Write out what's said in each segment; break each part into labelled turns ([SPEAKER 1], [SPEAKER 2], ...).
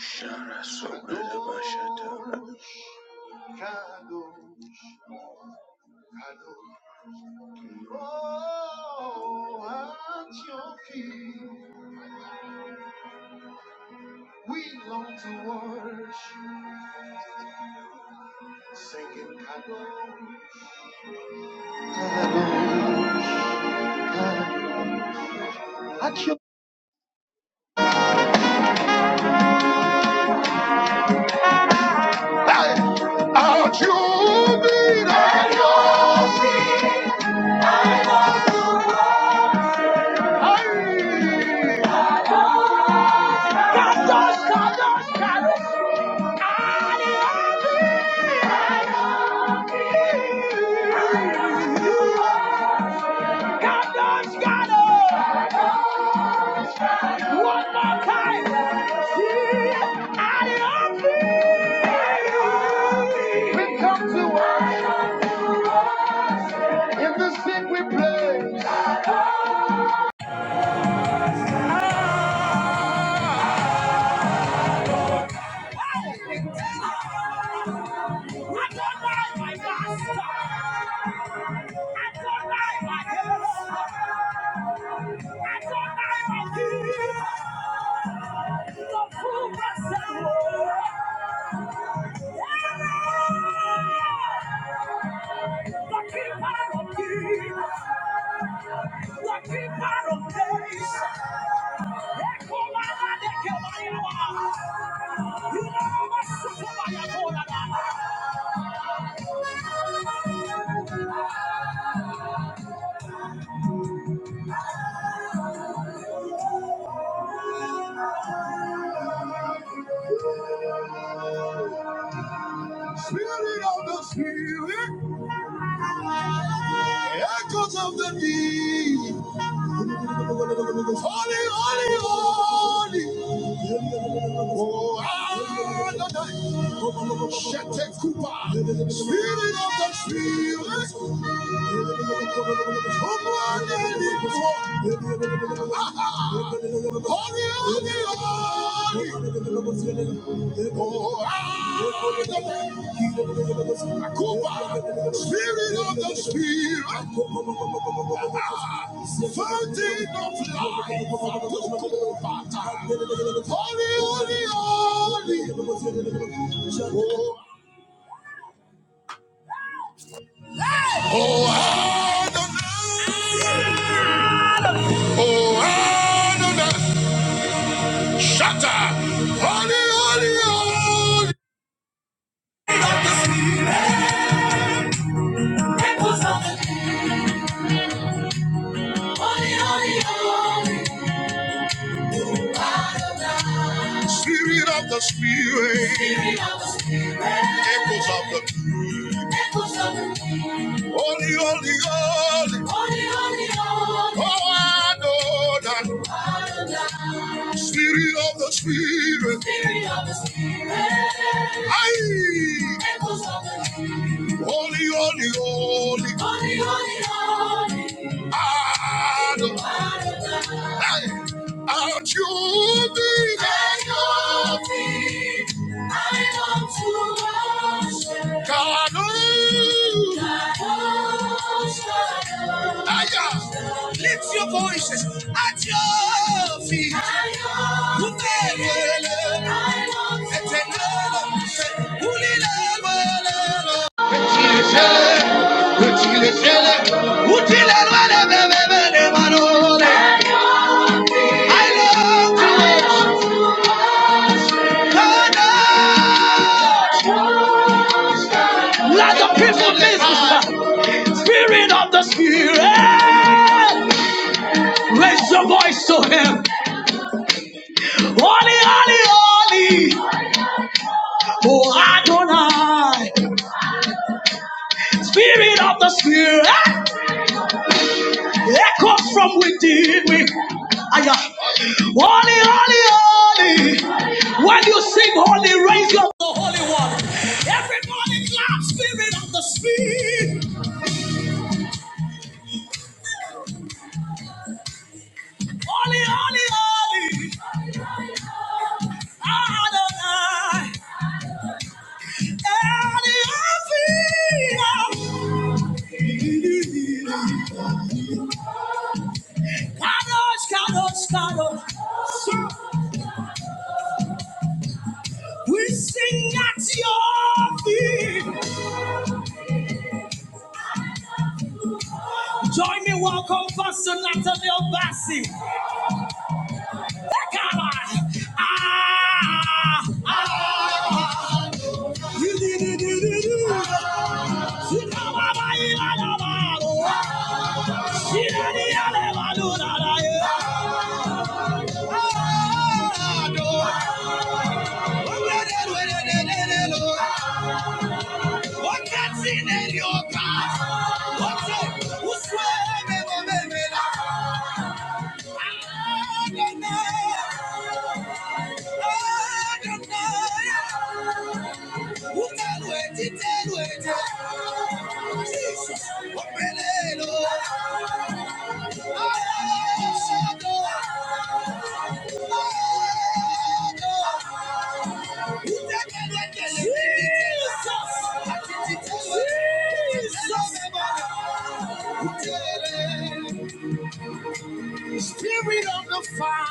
[SPEAKER 1] Shara sombra da Spirit of the Spirit. Spirit of the Spirit. Echoes of the Echoes of the Holy, holy, holy. Holy, holy, holy. Oh, Adonai. Adonai. Spirit of the Spirit. Spirit of the Spirit. Aye. echoes of the Holy, holy, holy. Holy, holy, holy. Adonai. Adonai. Out you be. And you be unto us. God, oh. God, oh. Aya. Lift your voices at your feet. Utelele. Etenele. Ulilemele. Let the people listen. Spirit of the Spirit, raise your voice to Him. Holy, holy, holy, oh Adonai. Spirit of the Spirit, echoes from within me. Aya. Holy, holy, holy. When you sing holy, raise your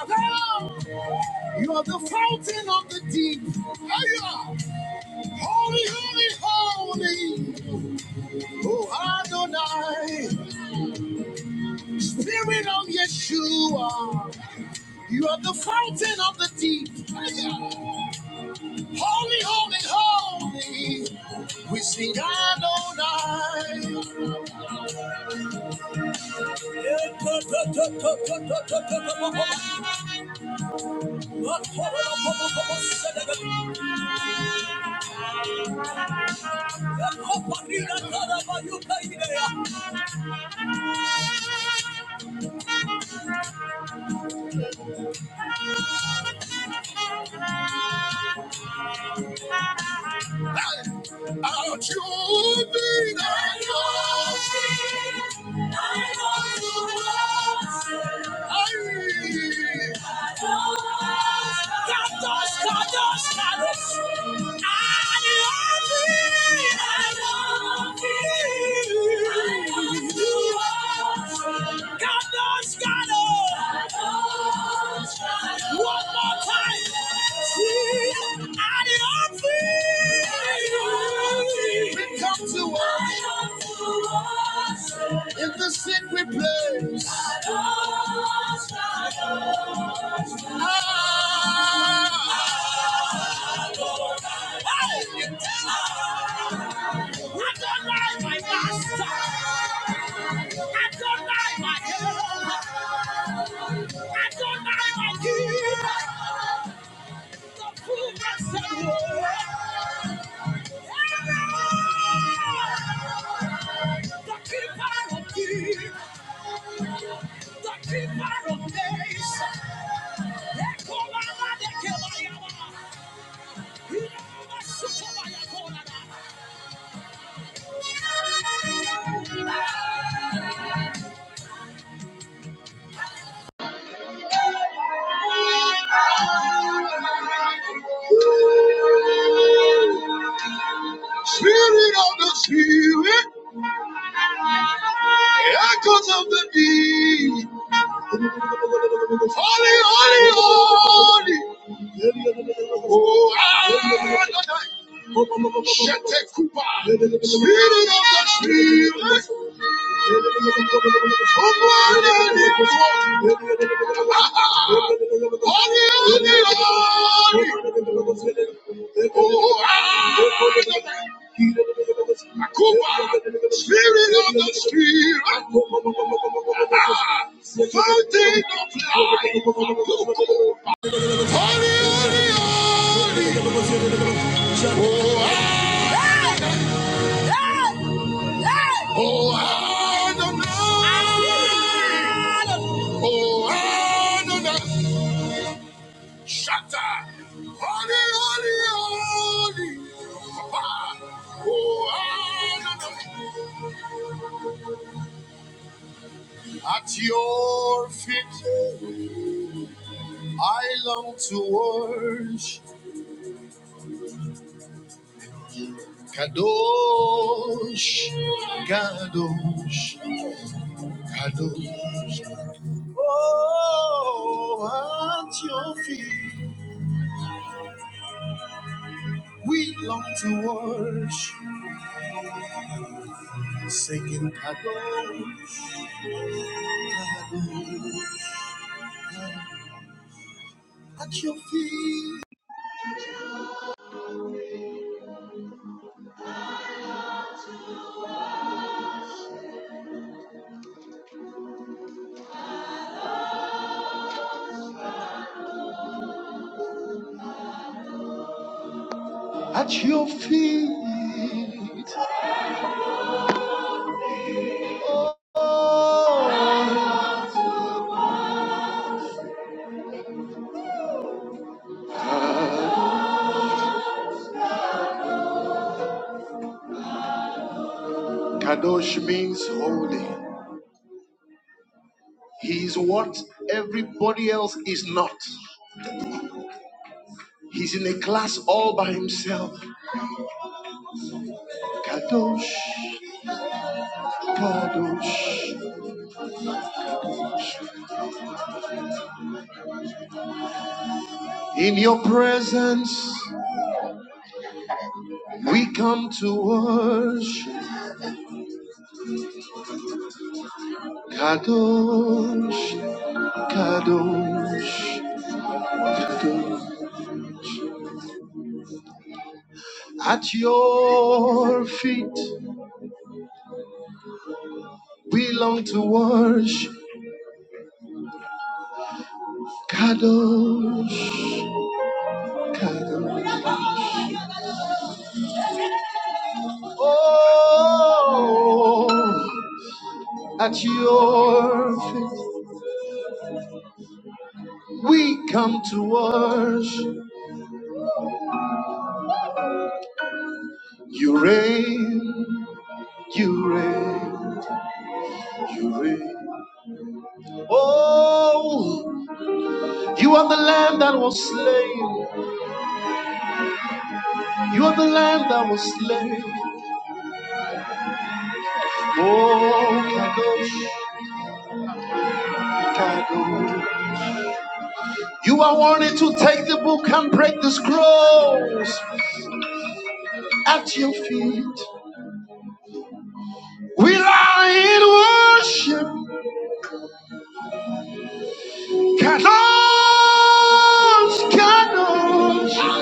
[SPEAKER 1] voice. You are the fountain of the deep. Are you holy, holy, holy? Oh, Adonai, Spirit of Yeshua. You are the fountain of the deep. Holy, holy, holy. We sing Adonai. Spirit of the Spirit, echoes of the deep. Holy, holy, holy. Oh, Adonai. Shetekupa, Spirit of the Spirit, Spirit of the Spirit, fountain of life, Holy, holy, holy, oh, I, oh, I don't know. Oh, Adonai, know Shatta. Holy, holy, holy. Papa. Oh, Adonai, At your feet, I long to work. Kadosh. Kadosh means holy. He is what everybody else is not. He's in a class all by himself. Kadosh. I wanted to take the book and break the scrolls at your feet. We lie in worship. Candles, candles.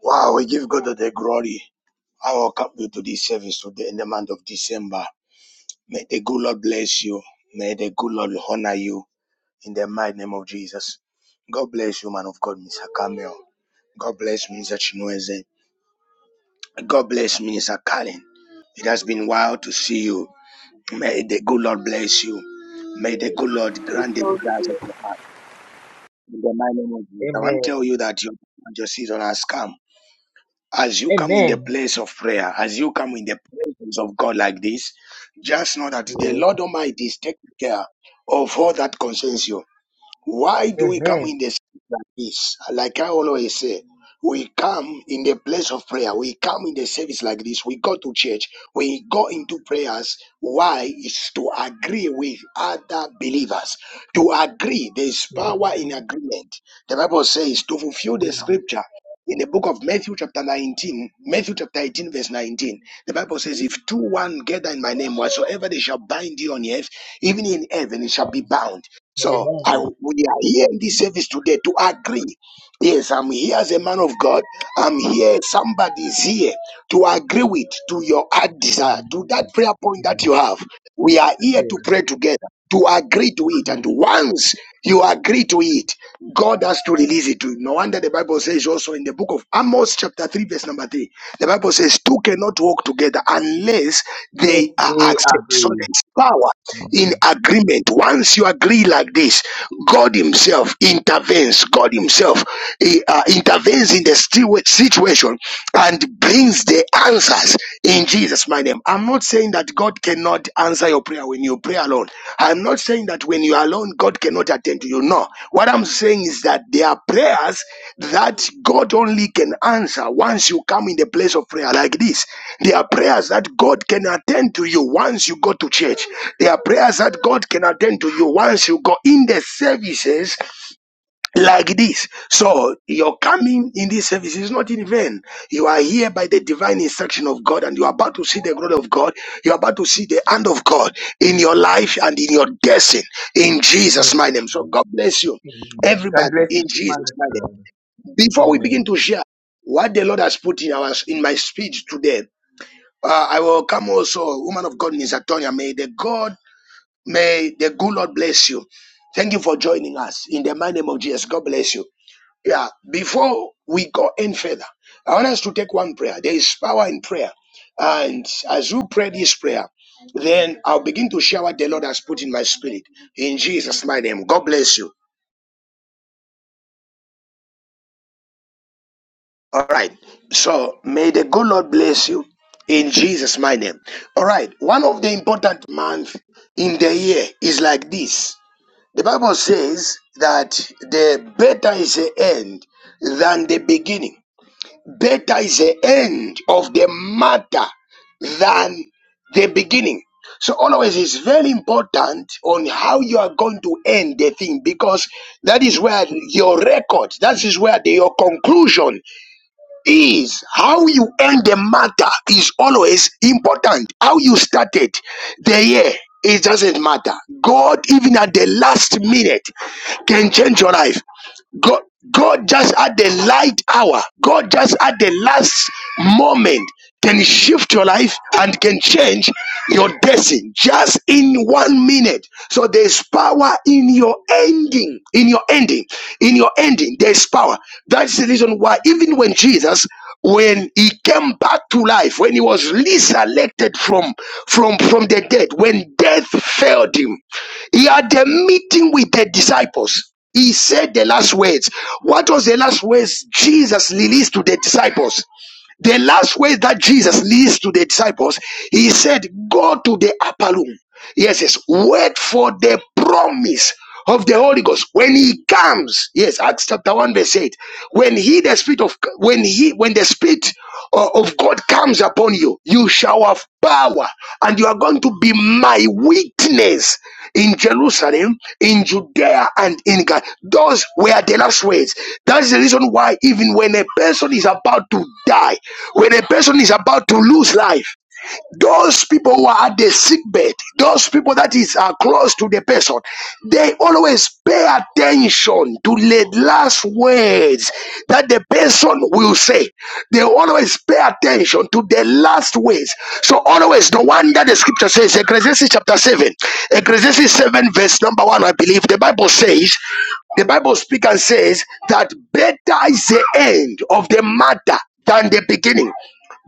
[SPEAKER 1] Wow, we give God the glory. I welcome you to this service today in the month of December. May the good Lord bless you. May the good Lord honor you in the mighty name of Jesus. God bless you, man of God, Mr. Camille. God bless Mr. Chinweze. God bless Minister Carlin. It has been wild to see you. May the good Lord bless you. May the good Lord grant the grass of your heart. In the mighty name of Jesus. I want to
[SPEAKER 2] Amen.
[SPEAKER 1] tell you that your, your season has come. As you come in the
[SPEAKER 2] Amen.
[SPEAKER 1] place of prayer, as you come in the presence of God like this, just know that the
[SPEAKER 2] Yes.
[SPEAKER 1] Lord Almighty is taking care of all that concerns you. Why do we come
[SPEAKER 2] Amen.
[SPEAKER 1] in the space like this? Like I always say, we come in the place of prayer. We come in the service like this. We go to church. We go into prayers. Why? It's to agree with other believers. To agree, there is
[SPEAKER 2] Yes.
[SPEAKER 1] power in agreement. The Bible says to fulfill the
[SPEAKER 2] Yes.
[SPEAKER 1] scripture. In the book of Matthew, chapter 19, Matthew chapter 18, verse 19, the Bible says, If two one gather in my name, whatsoever they shall bind you on earth, even in heaven, it shall be bound so I,
[SPEAKER 2] Amen.
[SPEAKER 1] we are here in this service today to agree. Yes, I'm here as a man of God. I'm here. Somebody is here to agree with to your heart desire, to
[SPEAKER 2] Amen.
[SPEAKER 1] that prayer point
[SPEAKER 2] Yes.
[SPEAKER 1] that you have. We are here to
[SPEAKER 2] Yes.
[SPEAKER 1] pray together, to agree to it. And once you agree to it, God has to release it to you. No wonder the Bible says also in the book of Amos, chapter 3, verse number 3, the Bible says, Two cannot walk together unless
[SPEAKER 2] Yes,
[SPEAKER 1] they are
[SPEAKER 2] they
[SPEAKER 1] accepted. So
[SPEAKER 2] agree.
[SPEAKER 1] there's power in
[SPEAKER 2] Amen.
[SPEAKER 1] agreement. Once you agree like this, God Himself intervenes. God Himself eh, uh, intervenes in the situa- situation and brings the answers in Jesus' my name. I'm not saying that God cannot answer your prayer when you pray alone. I'm not saying that when you are alone, God cannot attend to you. No. What I'm saying is that there are prayers that God only can answer once you come in the place of prayer like this. There are prayers that God can attend to you once you go to church. There are prayers that God can attend to you once you go in the services like this. So your coming in this service is not in vain. You are here by the divine instruction of God, and you are about to see the glory of God. You are about to see the hand of God in your life and in your destiny. In Jesus' my name. So
[SPEAKER 2] Amen.
[SPEAKER 1] God bless you,
[SPEAKER 2] Amen. God
[SPEAKER 1] everybody.
[SPEAKER 2] bless
[SPEAKER 1] In
[SPEAKER 2] you, man
[SPEAKER 1] Jesus'
[SPEAKER 2] of
[SPEAKER 1] my
[SPEAKER 2] God.
[SPEAKER 1] name. Before we begin
[SPEAKER 2] Amen.
[SPEAKER 1] to share what the Lord has put in our in my speech today, uh, I welcome also woman of God, Ms. Antonia. May the God, may the good Lord bless you. Thank you for joining us in the mighty name of Jesus. God bless you. Yeah, before we go any further, I want us to take one prayer. There is power in prayer. And as you pray this prayer, then I'll begin to share what the Lord has put in my spirit. In Jesus' my name. God bless you. All right. So may the good Lord bless you in Jesus' my name. All right. One of the important months in the year is like this. The Bible says that the better is the end than the beginning. Better is the end of the matter than the beginning. So always it's very important on how you are going to end the thing because that is where your record, that is where the, your conclusion is how you end the matter is always important. How you started the year, it doesn't matter. God, even at the last minute, can change your life. God, God just at the light hour, God just at the last moment can shift your life and can change your destiny just in one minute. So there's power in your ending, in your ending, in your ending. There's power. That's the reason why even when Jesus, when he came back to life, when he was resurrected from from from the dead, when death failed him, he had a meeting with the disciples. He said the last words. What was the last words Jesus released to the disciples? The last way that Jesus leads to the disciples, he said, Go to the upper room. Yes, yes. Wait for the promise of the Holy Ghost. When he comes, yes, Acts chapter 1, verse 8. When he the spirit of when he when the spirit o- of God comes upon you, you shall have power, and you are going to be my witness in Jerusalem, in Judea, and in God. Those were the last words. That's the reason why, even when a person is about to die, when a person is about to lose life, those people who are at the sick bed, those people that is are close to the person, they always pay attention to the last words that the person will say. They always pay attention to the last words. So always the one that the scripture says, Ecclesiastes chapter 7, Ecclesiastes 7, verse number 1, I believe, the Bible says, the Bible speaks and says that better is the end of the matter than the beginning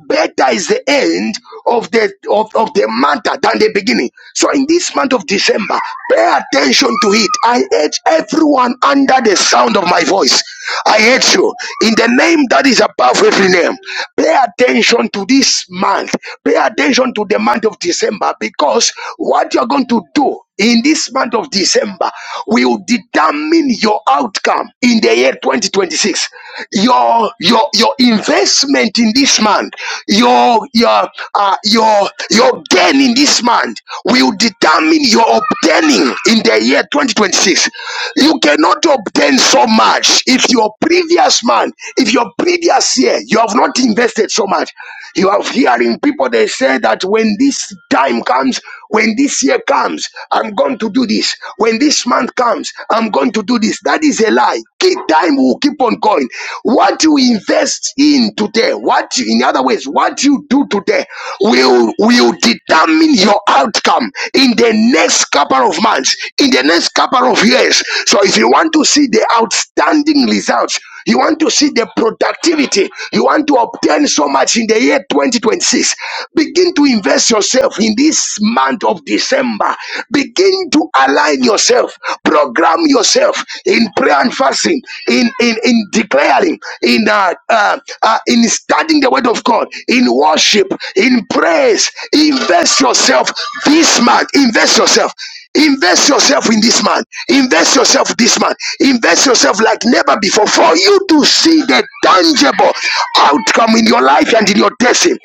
[SPEAKER 1] better is the end of the of, of the matter than the beginning so in this month of december pay attention to it i urge everyone under the sound of my voice i urge you in the name that is above every name pay attention to this month pay attention to the month of december because what you're going to do in this month of December will determine your outcome in the year 2026. Your your your investment in this month, your your uh, your your gain in this month will determine your obtaining in the year 2026. You cannot obtain so much if your previous month, if your previous year, you have not invested so much. You have hearing people they say that when this time comes when this year comes, I'm going to do this. When this month comes, I'm going to do this. That is a lie. Keep time will keep on going. What you invest in today, what you, in other words, what you do today will will determine your outcome in the next couple of months, in the next couple of years. So if you want to see the outstanding results, you want to see the productivity. You want to obtain so much in the year 2026. Begin to invest yourself in this month of December. Begin to align yourself, program yourself in prayer and fasting, in in, in declaring, in uh, uh, uh, in studying the word of God, in worship, in praise. Invest yourself this month. Invest yourself. Invest yourself in this man. Invest yourself in this man. Invest yourself like never before for you to see the tangible outcome in your life and in your destiny.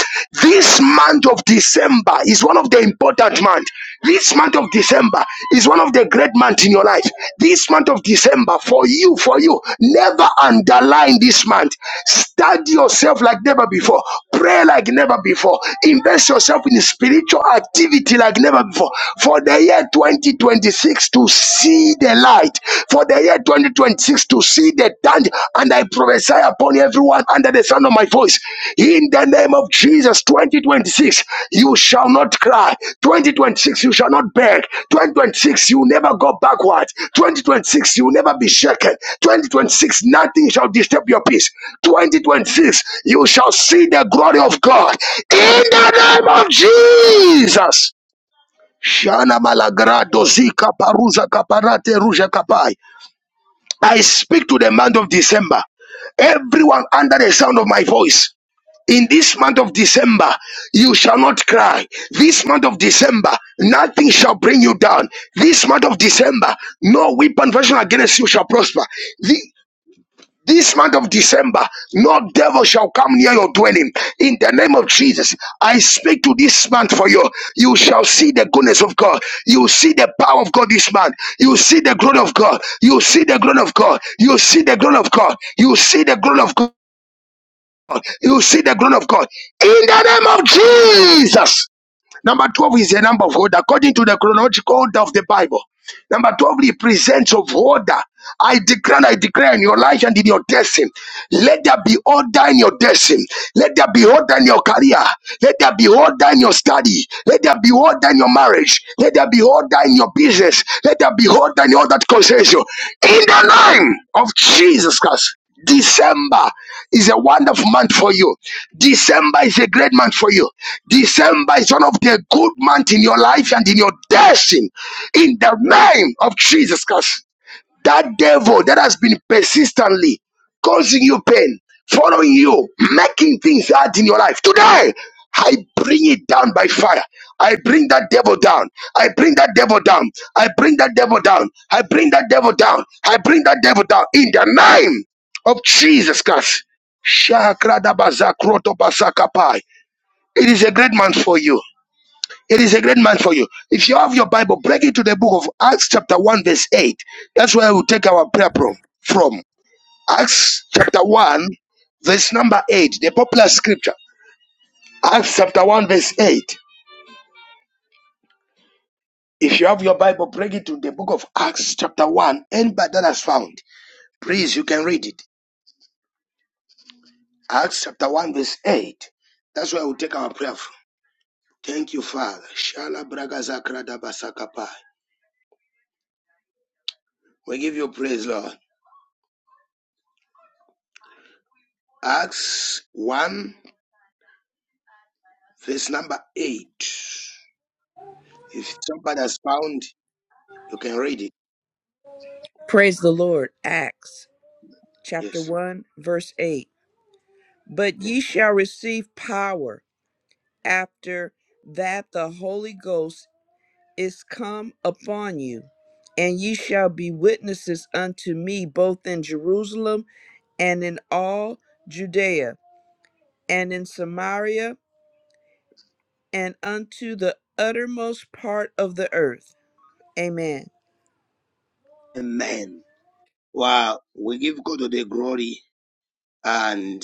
[SPEAKER 1] This month of December is one of the important months. This month of December is one of the great months in your life. This month of December for you, for you. Never underline this month. Study yourself like never before. Pray like never before. Invest yourself in spiritual activity like never before for the year 2026 to see the light, for the year 2026 to see the danger. And I prophesy upon everyone under the sound of my voice, in the name of Jesus, 2026, you shall not cry. 2026, you shall not beg. 2026, you will never go backwards. 2026, you will never be shaken. 2026, nothing shall disturb your peace. 2026, you shall see the glory of God in the name of Jesus. Shana malagrado zika paruza kaparate ruja kapai. I speak to the month of December. Everyone under the sound of my voice. In this month of December, you shall not cry. This month of December, nothing shall bring you down. This month of December, no weapon fashioned against you shall prosper. This month of December, no devil shall come near your dwelling. In the name of Jesus, I speak to this month for you. You shall see the goodness of God. You see the power of God this month. You see the glory of God. You see the glory of God. You see the glory of God. You see the glory of God. You see the glory of God. In the name of Jesus. Number 12 is a number of order. According to the chronological order of the Bible, number 12 represents of order. I declare, I declare in your life and in your destiny. Let there be order in your destiny. Let there be order in your career. Let there be order in your study. Let there be order in your marriage. Let there be order in your business. Let there be order in all that concerns you. In the name of Jesus Christ. December is a wonderful month for you. December is a great month for you. December is one of the good months in your life and in your destiny. In the name of Jesus Christ. That devil that has been persistently causing you pain, following you, making things hard in your life. Today, I bring it down by fire. I bring that devil down. I bring that devil down. I bring that devil down. I bring that devil down. I bring that devil down in the name of Jesus Christ. Shakradabazakrotopasakai. It is a great month for you. It is a great month for you. If you have your Bible, break it to the book of Acts, chapter 1, verse 8. That's where we'll take our prayer pro- from. Acts, chapter 1, verse number 8, the popular scripture. Acts, chapter 1, verse 8. If you have your Bible, break it to the book of Acts, chapter 1. Anybody that has found, please, you can read it. Acts, chapter 1, verse 8. That's where we'll take our prayer from. Thank you, Father. Shala braga zakra da basaka pai. We give you praise, Lord. Acts 1. Verse number eight. If somebody has found, you can read it.
[SPEAKER 3] Praise the Lord. Acts chapter
[SPEAKER 1] Yes.
[SPEAKER 3] 1, verse 8. But
[SPEAKER 1] Yeah.
[SPEAKER 3] ye shall receive power after that the Holy Ghost is come upon you, and ye shall be witnesses unto me both in Jerusalem and in all Judea and in Samaria and unto the uttermost part of the earth. Amen.
[SPEAKER 1] Amen. Wow. We give God the glory and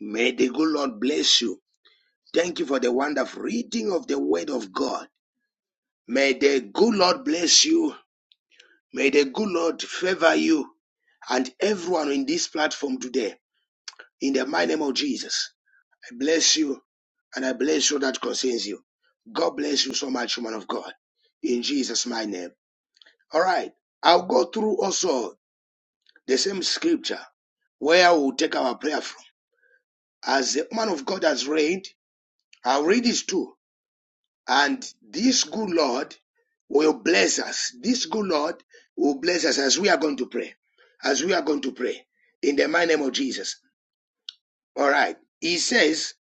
[SPEAKER 1] may the good Lord bless you. Thank you for the wonderful reading of the word of God. May the good Lord bless you. May the good Lord favor you and everyone in this platform today. In the mighty name of Jesus. I bless you and I bless you that concerns you. God bless you so much, man of God. In Jesus' my name. All right. I'll go through also the same scripture where we'll take our prayer from. As the man of God has read, I'll read it too. And this good Lord will bless us. This good Lord will bless us as we are going to pray. As we are going to pray. In the mighty name of Jesus. All right. He says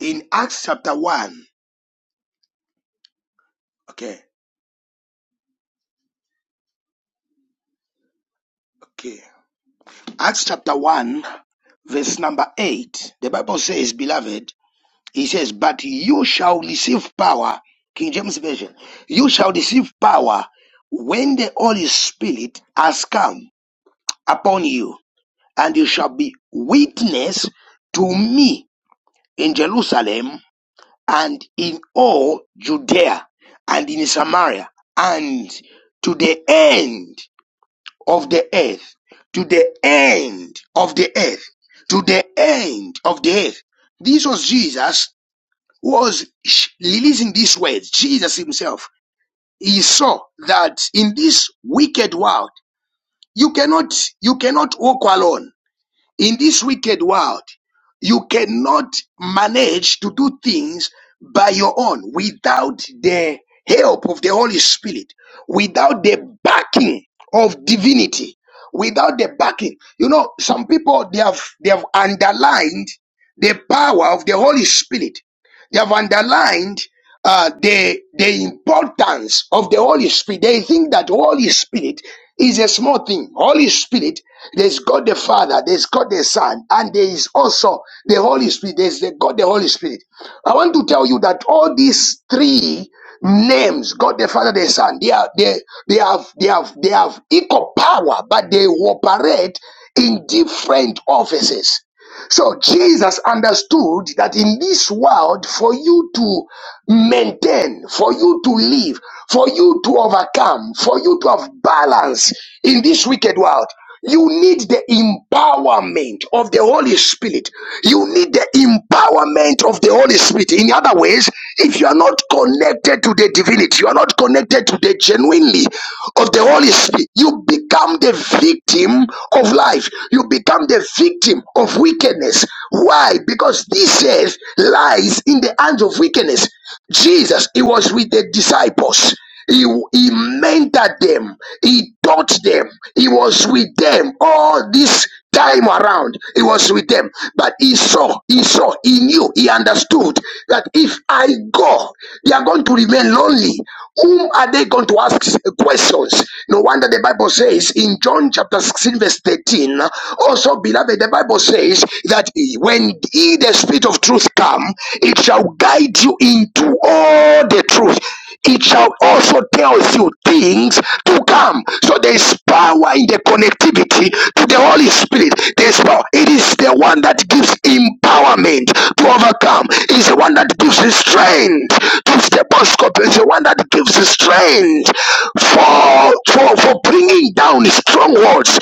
[SPEAKER 1] in Acts chapter 1. Okay. Okay. Acts chapter 1, verse number 8, the Bible says, Beloved, he says, But you shall receive power, King James Version, you shall receive power when the Holy Spirit has come upon you, and you shall be witness to me in Jerusalem and in all Judea and in Samaria and to the end of the earth to the end of the earth to the end of the earth this was jesus who was releasing these words jesus himself he saw that in this wicked world you cannot you cannot walk alone in this wicked world, you cannot manage to do things by your own without the help of the Holy Spirit, without the backing of divinity, without the backing. You know, some people they have they have underlined the power of the Holy Spirit they have underlined uh, the the importance of the Holy Spirit. They think that Holy Spirit is a small thing. Holy Spirit, there's God the Father, there's God the Son, and there is also the Holy Spirit. There's the God the Holy Spirit. I want to tell you that all these three names, God the Father, the Son, they are they they have they have they have equal power, but they operate in different offices. So Jesus understood that in this world, for you to maintain, for you to live, for you to overcome, for you to have balance in this wicked world, you need the empowerment of the Holy Spirit. You need the empowerment of the Holy Spirit. In other words, if you are not connected to the divinity, you are not connected to the genuinely of the Holy Spirit, you become become the victim of life. You become the victim of wickedness. Why? Because this earth lies in the hands of wickedness. Jesus, he was with the disciples. He, he mentored them. He taught them. He was with them all this time around he was with them but he saw he saw he knew he understood that if i go they are going to remain lonely whom are they going to ask questions no wonder the bible says in john chapter 16 verse 13 also beloved the bible says that when he the spirit of truth come it shall guide you into all the truth it shall also tell you things to come. So there is power in the connectivity to the Holy Spirit. There's power. It is the one that gives empowerment to overcome. It's the one that gives the strength to step on scorpion. It's the one that gives the strength for, for, for bringing down strongholds.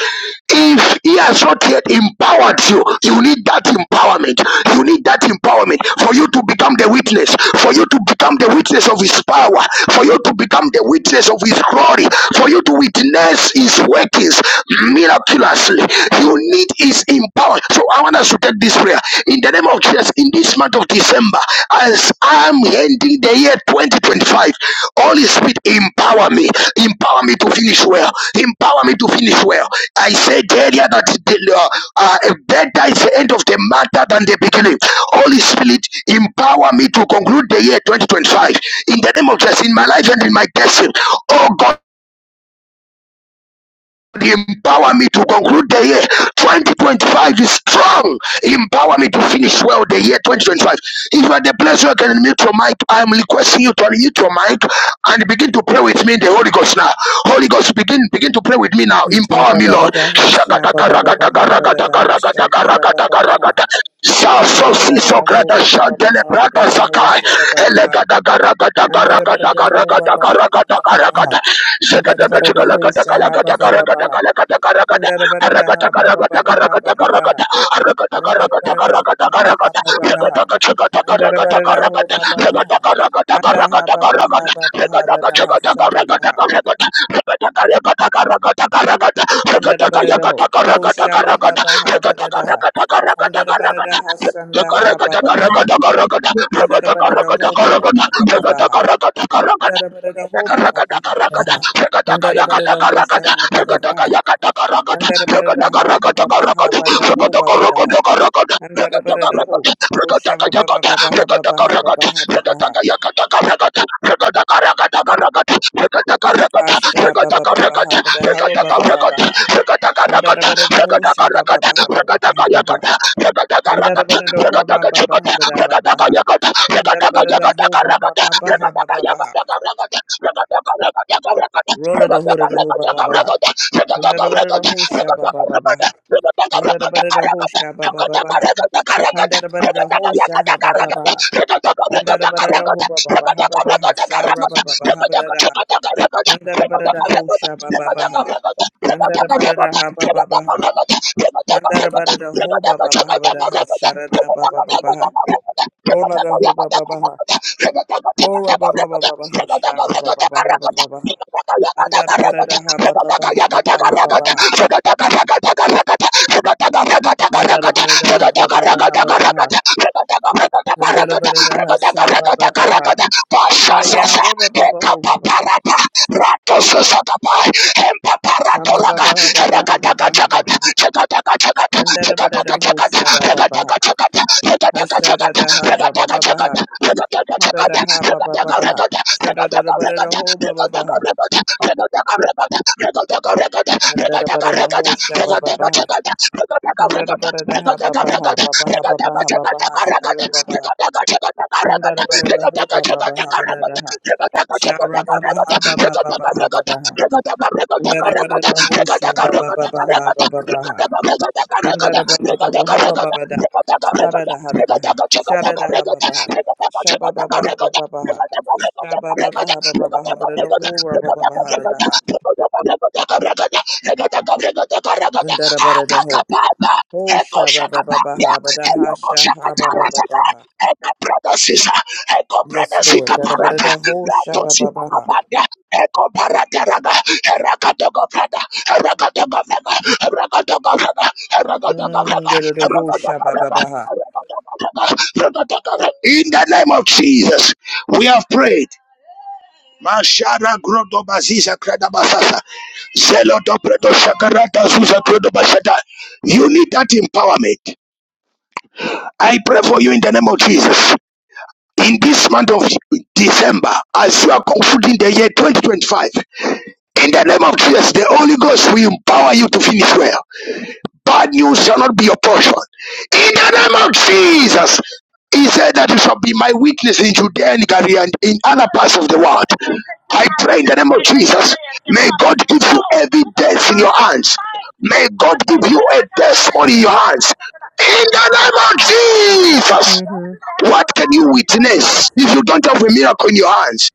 [SPEAKER 1] If he has not yet empowered you, you need that empowerment. You need that empowerment for you to become the witness, for you to become the witness of his power, for you to become the witness of his glory, for you to witness his workings miraculously. You need his empowerment. So I want us to take this prayer in the name of Jesus in this month of December. December, as I'm ending the year 2025, Holy Spirit, empower me, empower me to finish well, empower me to finish well. I said earlier that the, uh, uh, better is the end of the matter than the beginning. Holy Spirit, empower me to conclude the year 2025 in the name of Jesus, in my life and in my destiny. Oh God. Empower me to conclude the year 2025 is strong. Empower me to finish well the year 2025. If at the pleasure can mute your mic, I am requesting you to mute your mic and begin to pray with me, in the Holy Ghost now. Holy Ghost, begin begin to pray with me now. Empower me, Lord.
[SPEAKER 3] Shabba-ba-ba-da-ha, shabba-ba-ba-ba-ha, ba-da-da-ha, da ha, shaba ba ba ba ha ba da da ha, shanda da ba ba ba ha, shanda da ba da ba-ba-ba-ba-ha, ba-da-da-ho, shabba-ba-ba-ba. da da ho, shaba ba ba ba, anda da ba da da ho ba-ba-ba-ha, ba-ba-ba-ha. Andada-ba-da-da-ho, shaha,
[SPEAKER 1] karagada karagada
[SPEAKER 3] ba-ba-ba-ba-ha.
[SPEAKER 1] karagada karagada
[SPEAKER 3] Andada-ba-da-da-ha,
[SPEAKER 1] karagada
[SPEAKER 3] ba-ba-ba-ba-ha,
[SPEAKER 1] karagada
[SPEAKER 3] ba-ba-ba-ha.
[SPEAKER 1] karagada karagada karagada karagada
[SPEAKER 3] Andarabara ho
[SPEAKER 1] karagada
[SPEAKER 3] baba ha
[SPEAKER 1] karagada karagada karagada
[SPEAKER 3] baba ba ha.
[SPEAKER 1] karagada karagada
[SPEAKER 3] Andarabara ho baba ba ha. Anda ha baba ha baba ha da da ha sha da da ha. Andarabara ho. Ho sha baba ba ha ba da da
[SPEAKER 1] karagada karagada
[SPEAKER 3] ha.
[SPEAKER 1] karagada
[SPEAKER 3] Andarabara da ha shanda ha baba ba ha. Andarabara ho baba ba ha baba ha. Andarabara ho baba ba ha ba da ha. Andarabara ho sha ha baba ba ha. Andarabara ha baba ba ha ba da ho baba ba ha. Andara bara da ho. Osha ba ba ba ba ba ha
[SPEAKER 1] Rakata,
[SPEAKER 3] ba ba ha ba ba ha ba ba ha.
[SPEAKER 1] Ragata,
[SPEAKER 3] Asha ba ba ba ba ha ba da ha ba ba ba ba ha. Andara bara da ho sha ba ba ba ha ba ba ba ha ba ba ha. Andara bara da ho ma ba ba ha ba da ba ba ha. Andara
[SPEAKER 1] Ragada,
[SPEAKER 3] bara da ho ba ba ba ba ha ba ba ba ha. Rolla da ho da da ho ba ba ba ha. Andara bara da ho sha ba ba ba ba ha. Andara bara da ho sha ba ba ba ba ha. Andara bara da ho sha ha ba ba ba ha. Andara bara da ho ba ba ba ha ba ba ha sha ba ba ba ba ha ba da da ha. Handada barada ho shaba baba ha. Handada barada ha baba baha. Handada barada ho baba baha bada ha. Sharada
[SPEAKER 1] I'm
[SPEAKER 3] baba baba ha. Hola da ho baba baha. Hora baba baba baha. Shara baba baha baba baha. Handada
[SPEAKER 1] gonna
[SPEAKER 3] barada ha baba
[SPEAKER 1] make you
[SPEAKER 3] baha baba ha
[SPEAKER 1] mine.
[SPEAKER 3] baba ha. Handada barada ha baba baha baba ha. Handada barada ha shaba baba ha. Ah yeah, rubber baba ho baba ha. Hamba baba ha baba ha baba ha baba ha. Handada barada ho shaba baba ha. Ha ha ha, ba ba ba ba ha Hada da ha ba ba ba ba ha, sha da da da da da ho ba ba ba ha. Handa da ba da da ho sha ba ba ba ha. Handa da ba da da ha ba ba ha. ba ba ha ba ba ha ba ba ha. Shara ba ba ha. Handa da ba da da ho ba ba ba ha ba ho ho da Baba Babaha. Hadadaha Baba ba Shadadadabadadaho Baba ba ba Shaba Babaha. ba Babaha. Babaha Babaha Babaha Shara Babaha. Handadabadadaho da Baha Badadaha. Shara ba ba ba ha ba ba ba ha. Mandara baba baba hoba baba da. Shara
[SPEAKER 1] Rekata
[SPEAKER 3] da hara
[SPEAKER 1] Eko
[SPEAKER 3] da ha. Shara da ha baba ha. Shaba baba ha baba baba ha. Shaba baba ha baba baba ha bada da ho ra baba baba hara da ha. Mandara bada da ho. Ho shara baba baba ha bada ha sha ha baba baba ha. Yes, Lord. Dada bada da ho shaba baba ha.
[SPEAKER 1] brother, in
[SPEAKER 3] Mm, dada da ho shaba baba ha.
[SPEAKER 1] the name of Jesus, we have prayed. Mashara grodo baziza kreda basasa. Zelo do shakarata zuza kredo basata. You need that empowerment. I pray for you in the name of Jesus. In this month of December, as you are concluding the year 2025, in the name of Jesus, the Holy Ghost will empower you to finish well. Bad news shall not be your portion. In the name of Jesus, he said that you shall be my witness in Judea and Galilee and in other parts of the world.
[SPEAKER 4] and take your
[SPEAKER 1] I pray in
[SPEAKER 4] idea
[SPEAKER 1] the name of
[SPEAKER 4] and make it
[SPEAKER 1] Jesus,
[SPEAKER 4] theirs and
[SPEAKER 1] may
[SPEAKER 4] prosper
[SPEAKER 1] God
[SPEAKER 4] from
[SPEAKER 1] give
[SPEAKER 4] No,
[SPEAKER 1] you
[SPEAKER 4] you got to
[SPEAKER 1] evidence in
[SPEAKER 4] learn
[SPEAKER 1] your
[SPEAKER 4] how to
[SPEAKER 1] hands.
[SPEAKER 4] fight.
[SPEAKER 1] May God
[SPEAKER 4] I say
[SPEAKER 1] give you
[SPEAKER 4] fight on
[SPEAKER 1] a
[SPEAKER 4] my time. I'm not
[SPEAKER 1] testimony in your hands.
[SPEAKER 4] you
[SPEAKER 1] In
[SPEAKER 4] got to
[SPEAKER 1] the
[SPEAKER 4] learn how to operate in
[SPEAKER 1] name of
[SPEAKER 4] strategy. The
[SPEAKER 1] Jesus,
[SPEAKER 4] only Mhm. people that have to go
[SPEAKER 1] what
[SPEAKER 4] to
[SPEAKER 1] can
[SPEAKER 4] battle
[SPEAKER 1] you
[SPEAKER 4] are people that don't
[SPEAKER 1] witness if you
[SPEAKER 4] understand
[SPEAKER 1] don't have a
[SPEAKER 4] strategy.
[SPEAKER 1] miracle in your hands?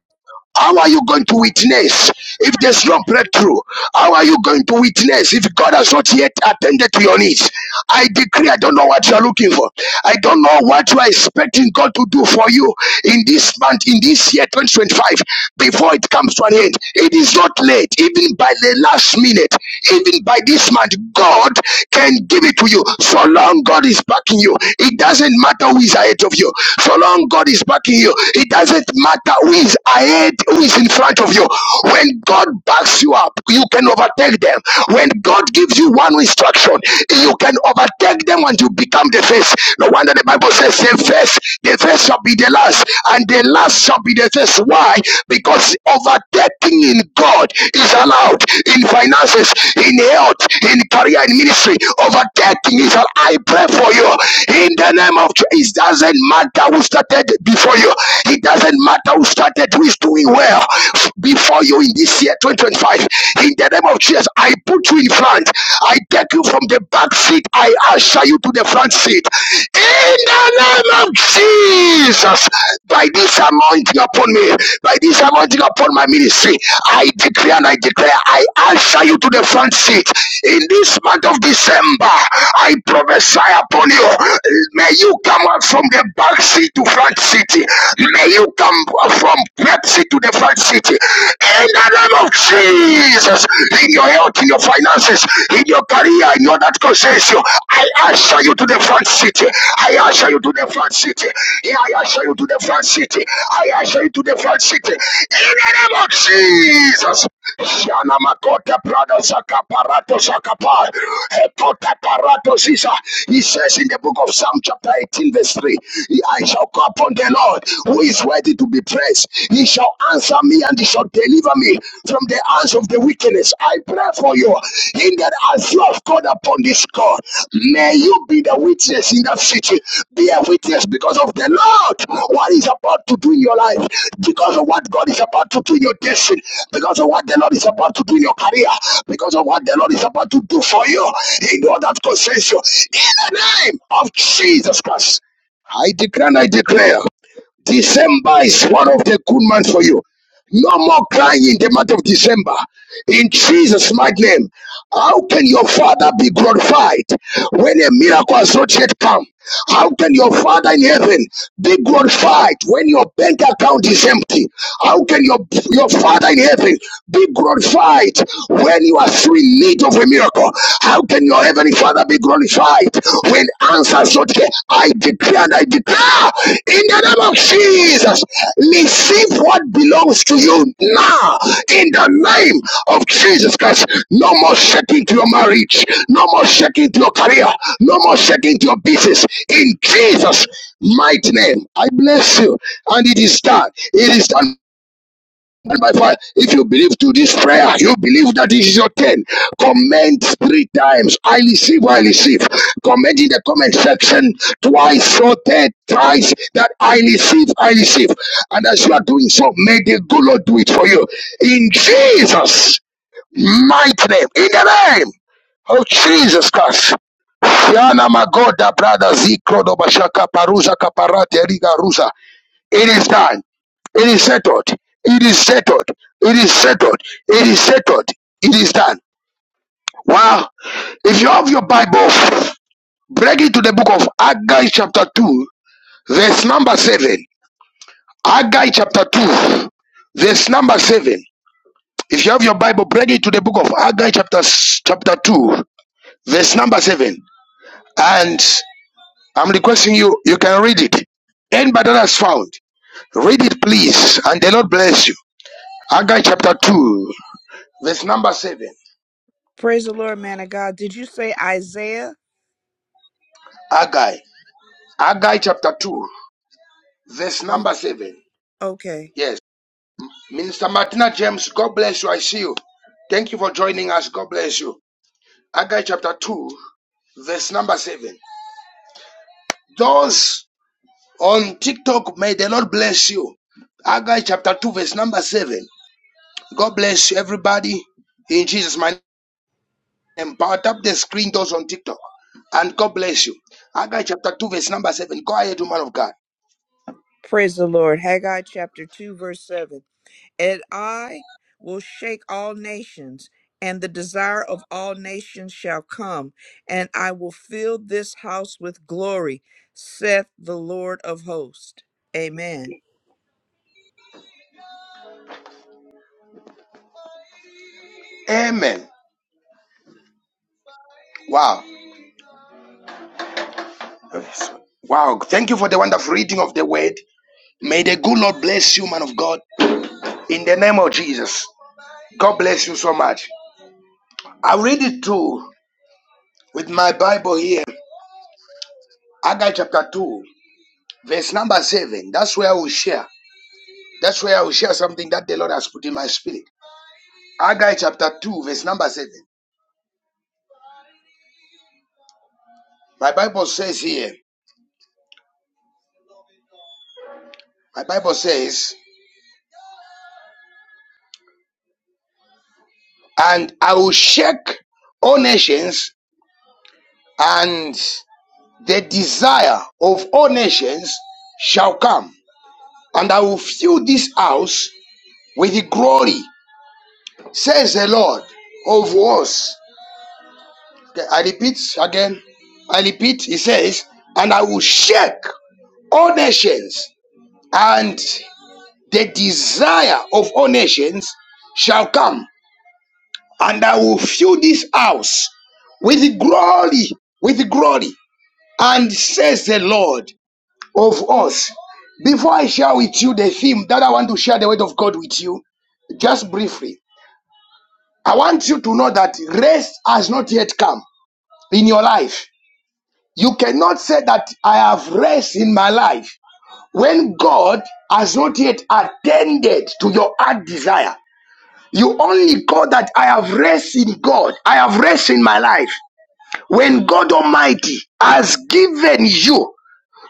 [SPEAKER 1] How are you going to
[SPEAKER 4] What
[SPEAKER 1] witness
[SPEAKER 4] is
[SPEAKER 1] if there's
[SPEAKER 4] strategy?
[SPEAKER 1] no breakthrough? How are you going to witness if God has not yet attended to your needs? I decree, I don't know what you are looking for. I don't know what you are expecting God to do for you in this month, in this year 2025, before it comes to an end. It is not late, even by the last minute, even by this month, God can give it to you. So long God is backing you, it doesn't matter who is ahead of you. So long God is backing you, it doesn't matter who who is ahead, who is in front of you. When God backs you up, you can overtake them. When God gives you one instruction, you can overtake them and you become the first. No wonder the Bible says, the first, the first shall be the last, and the last shall be the first. Why? Because overtaking in God is allowed in finances, in health, in career, in ministry. Overtaking is allowed. I pray for you in the name of Jesus. It doesn't matter who started before you. It it doesn't matter who started, who is doing well before you in this year 2025. In the name of Jesus, I put you in front. I take you from the back seat. I usher you to the front seat. In the name of Jesus, by this anointing upon me, by this anointing upon my ministry, I declare and I declare, I usher you to the front seat. In this month of December, I prophesy upon you. May you come out from the back seat to front seat city. May you come from Pepsi to the front city. In the name of Jesus, in your health, in your finances, in your career, in all that concerns you, I usher you to the front city. I usher you to the front city. Yeah, I usher you to the front city. I usher you to the front city. In the name of Jesus. Shana makota prado saka parato saka pa. Hekote parato sisa. He says in the book of Psalm chapter 18 verse 3, I shall call upon the Lord who is worthy to be praised. He shall answer me and he shall deliver me from the hands of the wickedness. I pray for you in that as you have called upon this call. May you be the witness in that city. Be a witness because of the Lord, What is about to do in your life, because of what God is about to do in your destiny, because of what the Lord is about to do in your career, because of what the Lord is about to do for you in all that concerns you. In the name of Jesus Christ, I declare and I declare. December is one of the good months for you. No more crying in the month of December. In Jesus' mighty name, how can your father be glorified when a miracle has not yet come? How can your father in heaven be glorified when your bank account is empty? How can your, your father in heaven be glorified when you are still in need of a miracle? How can your your heavenly Father be glorified when answers your care. I declare and I declare in the name of Jesus, receive what belongs to you now in the name of Jesus Christ. No more shaking to your marriage, no more shaking to your career, no more shaking to your business. In Jesus' mighty name, I bless you, and it is done. It is done by fire. If you believe to this prayer, you believe that this is your turn. Comment three times. I receive, I receive. Comment in the comment section twice or third thrice that I receive, I receive. And as you are doing so, may the good Lord do it for you. In Jesus' mighty name. In the name. Oh Jesus Christ. Yana magoda brada zikro do bashaka paruza kaparate riga ruza. It is done. It is settled. It is settled. It is settled. It is settled. It is done. Wow. If you have your Bible, break it to the book of Haggai chapter 2, verse number 7. Haggai chapter 2, verse number 7. If you have your Bible, break it to the book of Haggai chapter, chapter 2, verse number 7. And I'm requesting you, you can read it. Anybody that has found, read it please, and the Lord bless you. Haggai chapter 2. verse number 7.
[SPEAKER 3] Praise the Lord, man of God. Did you say Isaiah?
[SPEAKER 1] Agai. Agai chapter 2, verse
[SPEAKER 3] Oh,
[SPEAKER 1] number 7.
[SPEAKER 3] okay.
[SPEAKER 1] Yes. Minister Martina James, God bless you. I see you. Thank you for joining us. God bless you. Agai chapter 2, verse number 7. Those on TikTok, may the Lord bless you. Agai chapter 2, verse number 7. God bless you, everybody. In Jesus' mighty name. Power tap the screen, those on TikTok. And God bless you. Agai chapter 2, verse number 7. Go ahead, woman of God.
[SPEAKER 3] Praise the Lord. Haggai chapter 2, verse 7. And I will shake all nations, and the desire of all nations shall come, and I will fill this house with glory, saith the Lord of hosts. Amen.
[SPEAKER 1] Amen. Wow. Wow. Thank you for the wonderful reading of the word. May the good Lord bless you, man of God, in the name of Jesus. God bless you so much. I read it too with my Bible here, Agai chapter 2, verse number 7. That's where I will share. That's where I will share something that the Lord has put in my spirit. Agai chapter 2, verse number 7. My Bible says here, my Bible says, and I will shake all nations, and the desire of all nations shall come, and I will fill this house with glory, says the Lord of hosts. Okay, I repeat again. I repeat, he says, and I will shake all nations, and the desire of all nations shall come, and I will fill this house with glory, with glory. And says the Lord of us. Before I share with you the theme that I want to share the word of God with you, just briefly, I want you to know that rest has not yet come in your life. You cannot say that I have rest in my life when God has not yet attended to your heart desire. You only call that I have rest in God, I have rest in my life. When God Almighty has given you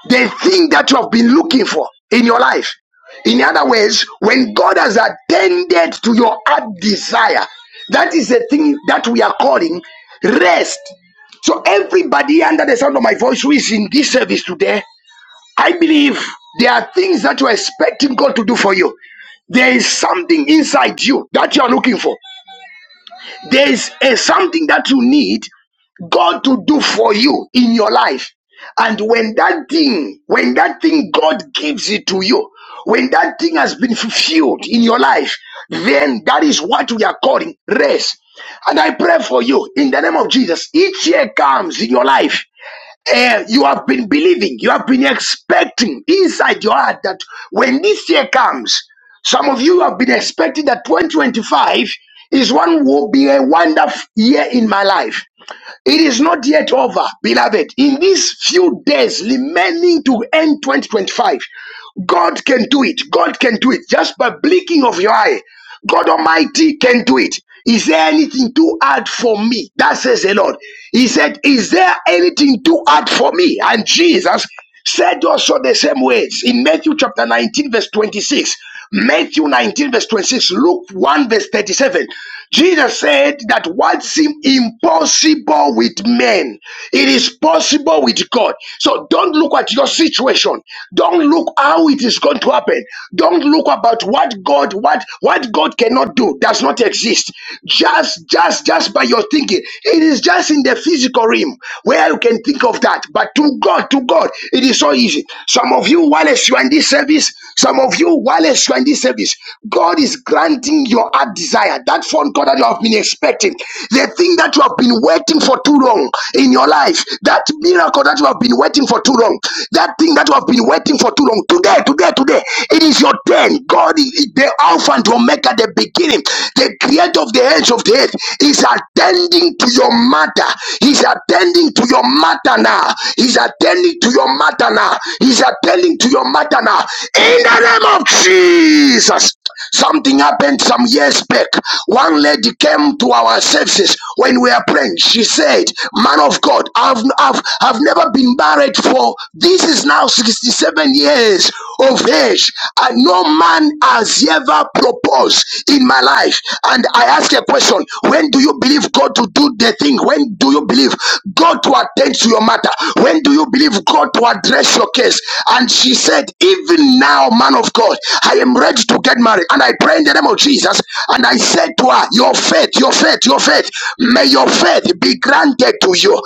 [SPEAKER 1] the thing that you have been looking for in your life. In other words, when God has attended to your heart desire, that is the thing that we are calling rest. So, everybody under the sound of my voice who is in this service today, I believe there are things that you are expecting God to do for you. There is something inside you that you are looking for. There is a something that you need God to do for you in your life. And when that thing, when that thing God gives it to you, when that thing has been fulfilled in your life, then that is what we are calling rest. And I pray for you in the name of Jesus. Each year comes in your life. Eh, you have been believing, you have been expecting inside your heart that when this year comes, some of you have been expecting that 2025 is one will be a wonderful year in my life. It is not yet over, beloved. In these few days remaining to end 2025, God can do it. God can do it just by blinking of your eye. God Almighty can do it. Is there anything too hard for me? That says the Lord. He said, Is there anything too hard for me? And Jesus said also the same words in Matthew chapter 19, verse 26. Matthew 19, verse 26, Luke 1, verse 37. Jesus said that what seems impossible with men, it is possible with God. So don't look at your situation. Don't look how it is going to happen. Don't look about what God, what, what God cannot do does not exist. Just, just, just by your thinking. It is just in the physical realm where you can think of that. But to God, to God, it is so easy mercy. Some of you, whilst you are in this service, some of you, whilst you are in this service, God is granting your heart desire. That phone call that you have been expecting, the thing that you have been waiting for too long in your life, that miracle that you have been waiting for too long, that thing that you have been waiting for too long. Today, today, today, it is your turn. God, the Alpha and Omega, the beginning, the creator of the ends of the earth, is attending to your matter. He's attending to to your matter now. He's attending to your matter now. He's attending to your matter now. In the name of Jesus. Something happened some years back. One lady came to our services when we were praying. She said, Man of God, I've, I've, I've never been married for this is now 67 years of age, and no man has ever proposed in my life. And I asked a question When do you believe God to do the thing? When do you believe God to attend to your matter? When do you believe God to address your case? And she said, Even now, man of God, I am ready to get married. And I pray in the name of Jesus. And I said to her, Your faith, your faith, your faith, may your faith be granted to you.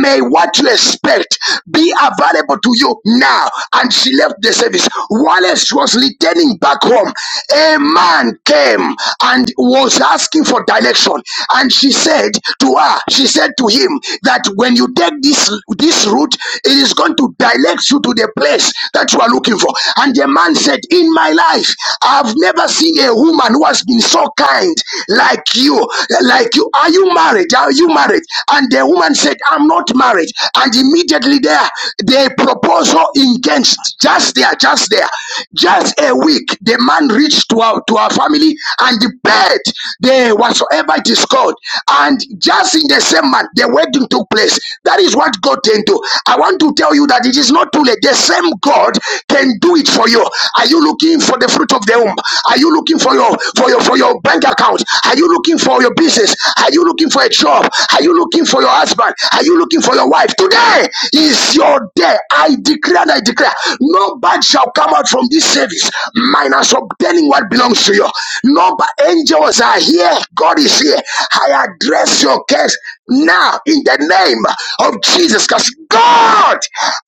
[SPEAKER 1] May what you expect be available to you now. And she left the service. While she was returning back home. a man woman came and was asking for direction and she said to her she said to him that when you take this this route it is going to direct you to the place that you are looking for and the man said in my life i've never seen a woman who has been so kind like you like you are you married are you married and the woman said i'm not married and immediately there the proposal engaged just there just there. Just a week, the man reached to our to our family and the bed, the whatsoever it is called, and just in the same month, the wedding took place. That is what God can do. I want to tell you that it is not too late. The same God can do it for you. Are you looking for the fruit of the womb? Are you looking for your for your for your bank account? Are you looking for your business? Are you looking for a job? Are you looking for your husband? Are you looking for your wife? Today is your day. I declare and I declare no bad shall come out from this service minus obtaining what belongs to you. No bad angels are here. God is here. I address your case now in the name of Jesus because God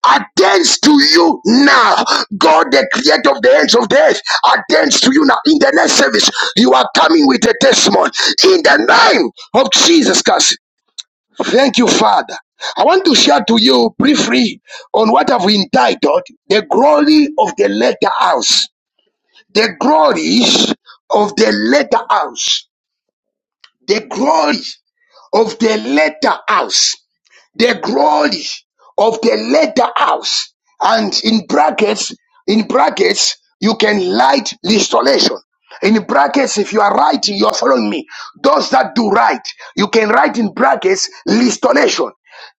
[SPEAKER 1] attends to you now. God, the creator of the ends of the earth, attends to you now. In the next service, you are coming with a testimony in the name of Jesus Christ. Thank you, Father. I want to share to you briefly on what I've entitled The Glory of the latter House. The glories of the latter house. The glory of the latter house the glory of the leather house. And in brackets, in brackets, you can light restoration. In brackets, if you are writing, you are following me. Those that do right, you can write in brackets restoration.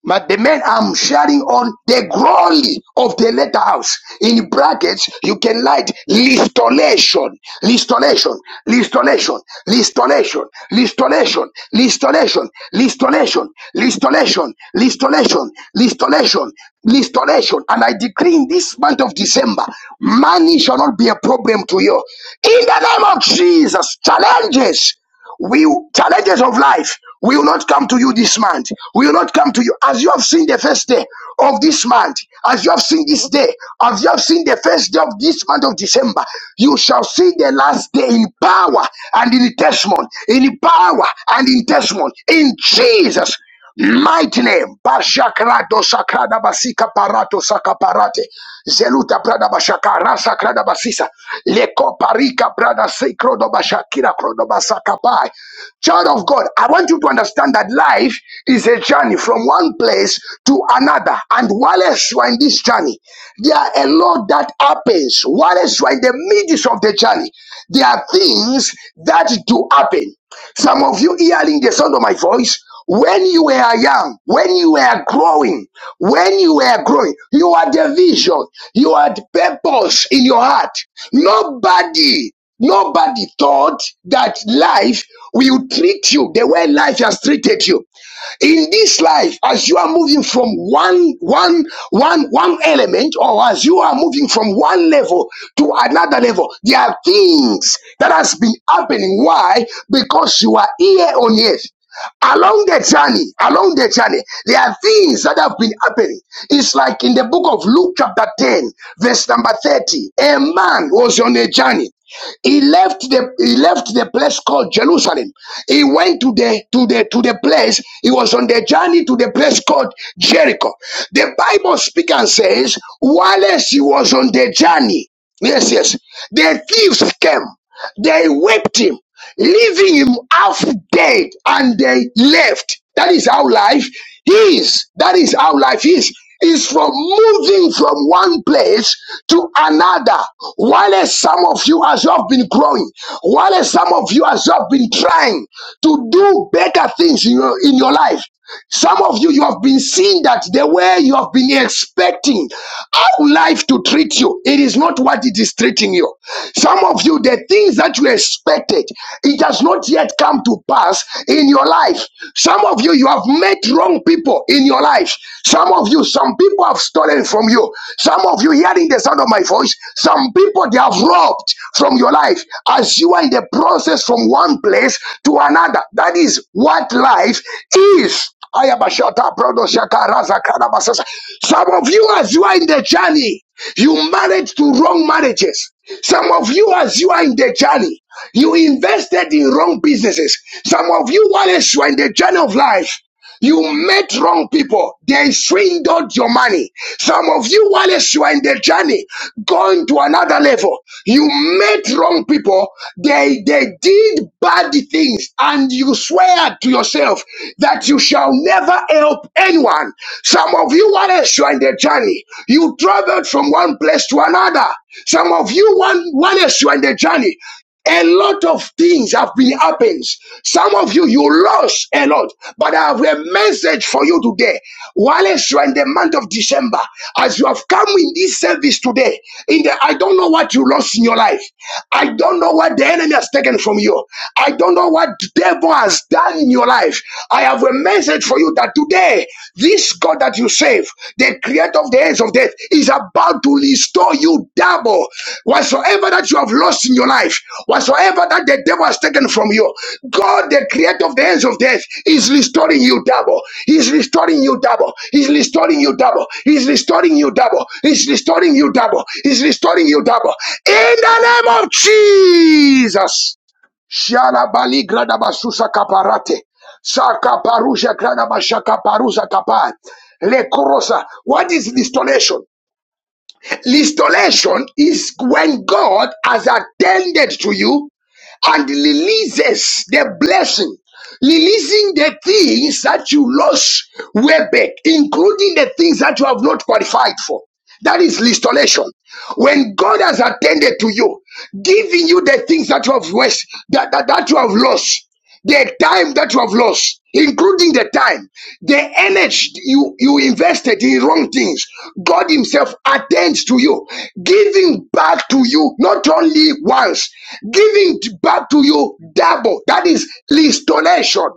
[SPEAKER 1] But the man I'm sharing on the glory of the letter house. In brackets, you can write listolation, listolation, listolation, listolation, Listolation, listolation, listolation, listolation, listolation, listolation, listolation. And I decree in this month of December, money shall not be a problem to you. In the name of Jesus, challenges, we challenges of life. We will not come to you this month. We will not come to you as you have seen the first day of this month, as you have seen this day, as you have seen the first day of this month of December. You shall see the last day in power and in testimony, in power and in testimony, in Jesus. Mighty name, Bashakrado Sakrada Basika Parato Sakaparate, Zeluta Prada Bashakara Sakrada Basisa, Leko Parika Prada Sikrodo Bashakira Krodo Basakapai. Child of God, I want you to understand that life is a journey from one place to another. And while else you are in this journey, there are a lot that happens. While else you are in the midst of the journey, there are things that do happen. Some of you hearing the sound of my voice. When you were young, when you were growing, when you were growing, you had a vision, you had purpose in your heart. Nobody, nobody thought that life will treat you the way life has treated you in this life as you are moving from one one one one element or as you are moving from one level to another level there are things that has been happening why because you are here on earth along the journey, along the journey, there are things that have been happening. It's like in the book of Luke, chapter 10, verse number 30. A man was on a journey. He left the he left the place called Jerusalem. He went to the to the to the place. He was on the journey to the place called Jericho. The Bible speaks and says, "While he was on the journey, yes, yes, the thieves came. They whipped him leaving him half dead, and they left. That is how life is. That is how life is. Is from moving from one place to another. While some of you has just been growing, while some of you has just been trying to do better things in your, in your life, some of you, you have been seeing that the way you have been expecting how life to treat you, it is not what it is treating you. Some of you, the things that you expected, it has not yet come to pass in your life. Some of you, you have met wrong people in your life. Some of you, some people have stolen from you. Some of you, hearing the sound of my voice, some people they have robbed from your life as you are in the process from one place to another. That is what life is. Ayabashata, Brodoshaka, Razakana, Basasa. Some of you, as you are in the journey, you married to wrong marriages. Some of you, as you are in the journey, you invested in wrong businesses. Some of you, while you are in the journey of life, you met wrong people. They swindled your money. Some of you, whilst you are in the journey, going to another level, you met wrong people. They, they did bad things and you swear to yourself that you shall never help anyone. Some of you, whilst you are in the journey, you traveled from one place to another. Some of you, one, whilst you are in the journey, a lot of things have been happening. Some of you, you lost a lot, but I have a message for you today. Whilst you are in the month of December, as you have come in this service today, in the I don't know what you lost in your life. I don't know what the enemy has taken from you. I don't know what the devil has done in your life. I have a message for you that today, this God that you serve save. The creator of the ends of death is about to restore you double. Whatsoever that you have lost in your life, whatsoever that the devil has taken from you, God, the creator of the ends of death, is restoring you double. He's restoring you double. He's restoring you double. He's restoring you double. He's restoring you double. He's restoring you double. In the name of Jesus. Shalabali gradabasusa kaparate. Saka paruja parusha granabashaka parusa kapai. Lekorosa. What is distillation? Restoration is when God has attended to you and releases the blessing, releasing the things that you lost way back, including the things that you have not qualified for. That is restoration. When God has attended to you, giving you the things that you have lost, that, that, that you have lost the time that you have lost, including the time, the energy you, you invested in wrong things, God Himself attends to you, giving back to you not only once, giving back to you double. That is restoration.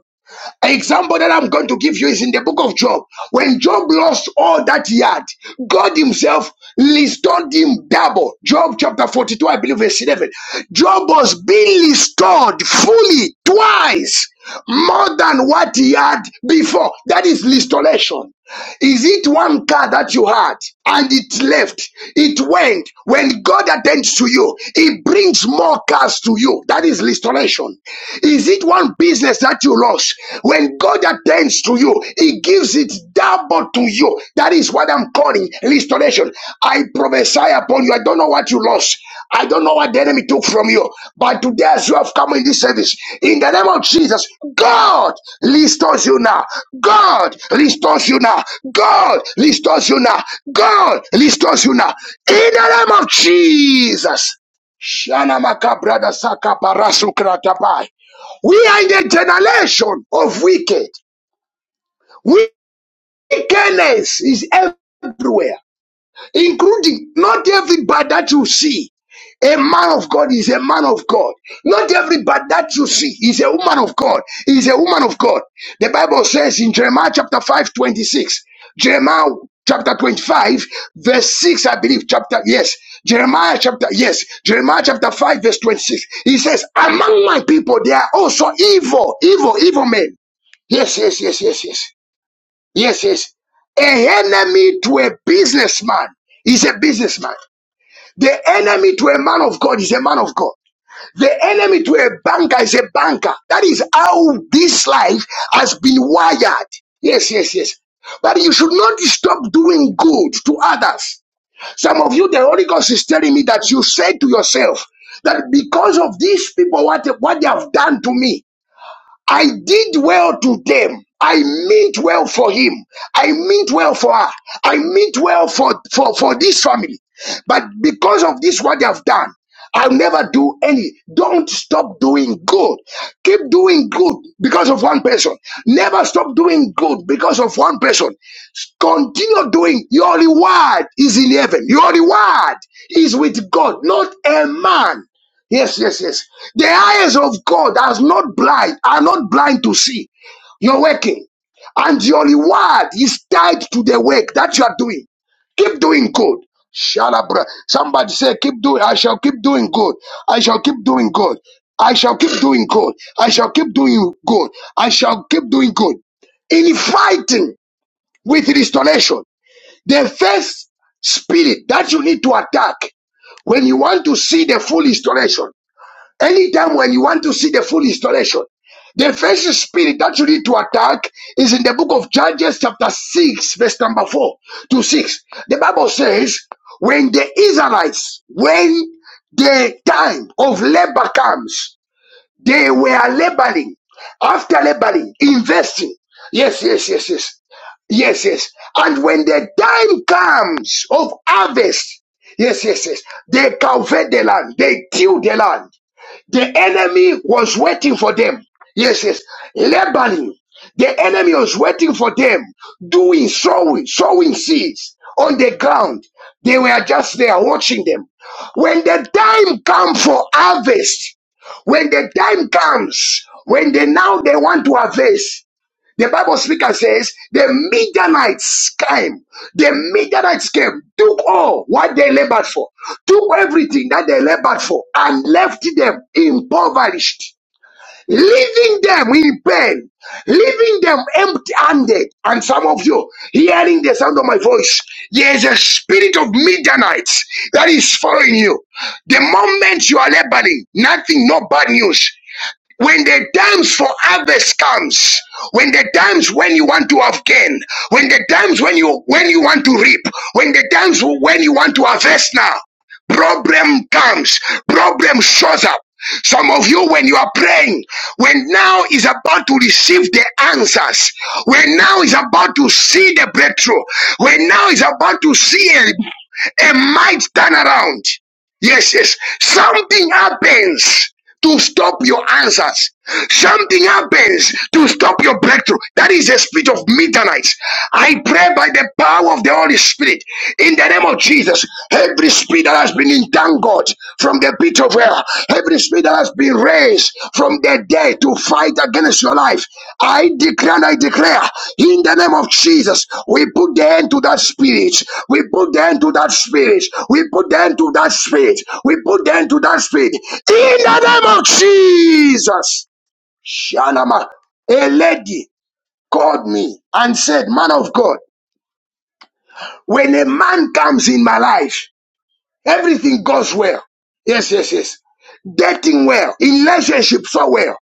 [SPEAKER 1] Example that I'm going to give you is in the book of Job. When Job lost all that he had, God Himself restored him double. Job chapter 42, I believe, verse 11. Job was being restored fully twice more than what he had before. That is restoration. Is it one car that you had and it left? It went. When God attends to you, He brings more cars to you. That is restoration situation? Is it one business that you lost? When God attends to you, He gives it double to you. That is what I'm calling restoration. I prophesy upon you. I don't know what you lost. I don't know what the enemy took from you. But today, as you have come in this service, in the name of Jesus, God restores you now. God restores you now. God restores you now. God restores you now. In the name of Jesus. Shana makabrada saka parasu We are in a generation of wicked. Wickedness is everywhere including not everybody that you see. A man of God is a man of God. Not everybody that you see is a woman of God. Is a woman of God. The Bible says in Jeremiah chapter 5 26, Jeremiah chapter 25, verse 6, I believe, chapter, yes. Jeremiah chapter, yes. Jeremiah chapter 5, verse 26. He says, Among my people, there are also evil, evil, evil men. Yes, yes, yes, yes, yes. Yes, yes. A enemy to a businessman is a businessman. The enemy to a man of God is a man of God. The enemy to a banker is a banker. That is how this life has been wired. Yes, yes, yes. But you should not stop doing good to others. Some of you, the Holy Ghost is telling me that you said to yourself that because of these people, what, what they have done to me, I did well to them. I meant well for him. I meant well for her. I meant well for, for, for this family. But because of this, what they have done, I'll never do any. Don't stop doing good. Keep doing good because of one person. Never stop doing good because of one person. Continue doing. Your reward is in heaven. Your reward is with God, not a man. Yes, yes, yes. The eyes of God are not blind, are not blind to see your working. And your reward is tied to the work that you are doing. Keep doing good. Shalabra. Somebody say, keep doing, I shall keep doing good. I shall keep doing good. I shall keep doing good. I shall keep doing good. I shall keep doing good. In fighting with restoration, the first spirit that you need to attack when you want to see the full restoration Anytime when you want to see the full installation, the first spirit that you need to attack is in the book of Judges, chapter 6, verse number 4 to 6. The Bible says, when the Israelites, when the time of labor comes, they were laboring, after laboring, investing. Yes, yes, yes, yes. Yes, yes. And when the time comes of harvest, yes, yes, yes, they cultivate the land, they till the land. The enemy was waiting for them. Yes, yes. Lebanon, the enemy was waiting for them, doing sowing, sowing seeds on the ground. They were just there watching them. When the time comes for harvest, when the time comes, when they now they want to harvest, the Bible speaker says the Midianites came. The Midianites came, took all what they labored for, took everything that they labored for, and left them impoverished, leaving them in pain, leaving them empty-handed. And some of you hearing the sound of my voice, there is a spirit of Midianites that is following you. The moment you are laboring, nothing, no bad news. When the times for harvest comes, when the times when you want to have gain, when the times when you when you want to reap, when the times when you want to harvest now, problem comes, problem shows up. Some of you, when you are praying, when now is about to receive the answers, when now is about to see the breakthrough, when now is about to see a, a might turnaround, Yes, yes. Something happens to stop your answers. Something happens to stop your breakthrough. That is the spirit of midnight. I pray by the power of the Holy Spirit in the name of Jesus. Every spirit that has been entangled from the pit of hell, every spirit that has been raised from the dead to fight against your life, I declare and I declare in the name of Jesus, we put the end to that spirit. We put the end to that spirit. We put the end to that spirit. We put the end to that spirit in the name of Jesus. Shanama, a lady called me and said, Man of God, when a man comes in my life, everything goes well. Yes, yes, yes. Dating well, in relationship so well.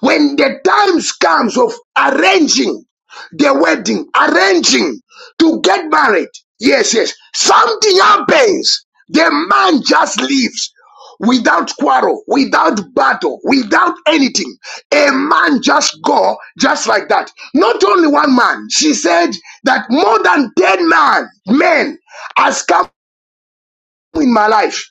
[SPEAKER 1] When the times comes of arranging the wedding, arranging to get married, yes, yes, something happens. The man just leaves without quarrel, without battle, without anything. A man just go just like that. Not only one man. She said that more than ten man men has come in my life.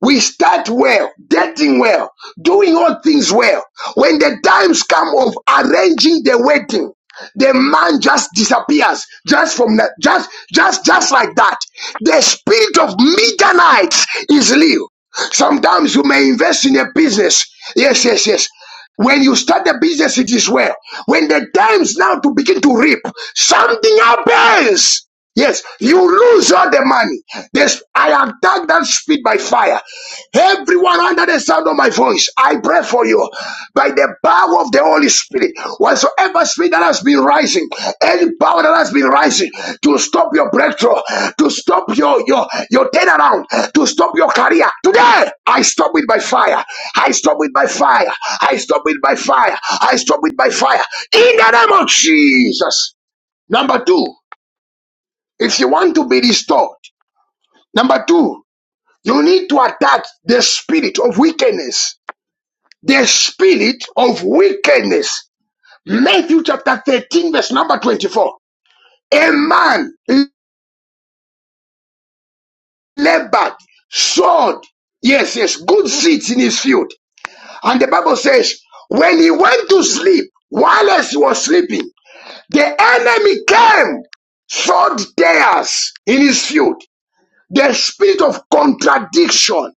[SPEAKER 1] We start well, dating well, doing all things well. When the times come of arranging the wedding, the man just disappears just from that just just just like that the spirit of midnight is real sometimes you may invest in a business yes yes yes when you start the business it is well when the times now to begin to reap something happens Yes, you lose all the money. This I attack that speed by fire. Everyone under the sound of my voice, I pray for you by the power of the Holy Spirit. Whatsoever speed that has been rising, any power that has been rising to stop your breakthrough, to stop your your your turnaround, to stop your career. Today, I stop it by fire. I stop it by fire. I stop it by fire. I stop it by fire. In the name of Jesus. Number two if you want to be restored. Number two, you need to attack the spirit of wickedness. The spirit of wickedness. Matthew chapter 13, verse number 24. A man labored, sowed, yes, yes, good seeds in his field. And the Bible says, when he went to sleep, while as he was sleeping, the enemy came sowed tares in his field. The spirit of contradiction,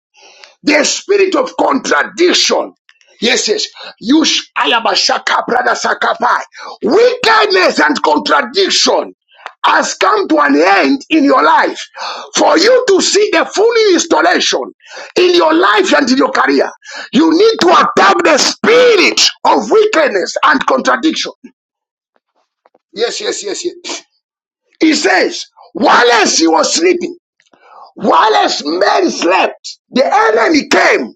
[SPEAKER 1] The spirit of contradiction. Yes, yes. You alabashaka, brother sakapai. Wickedness and contradiction has come to an end in your life for you to see the full installation in your life and in your career. You need to attack the spirit of wickedness and contradiction. Yes, yes, yes, yes. He says, while he was sleeping. Whilst men slept, the enemy came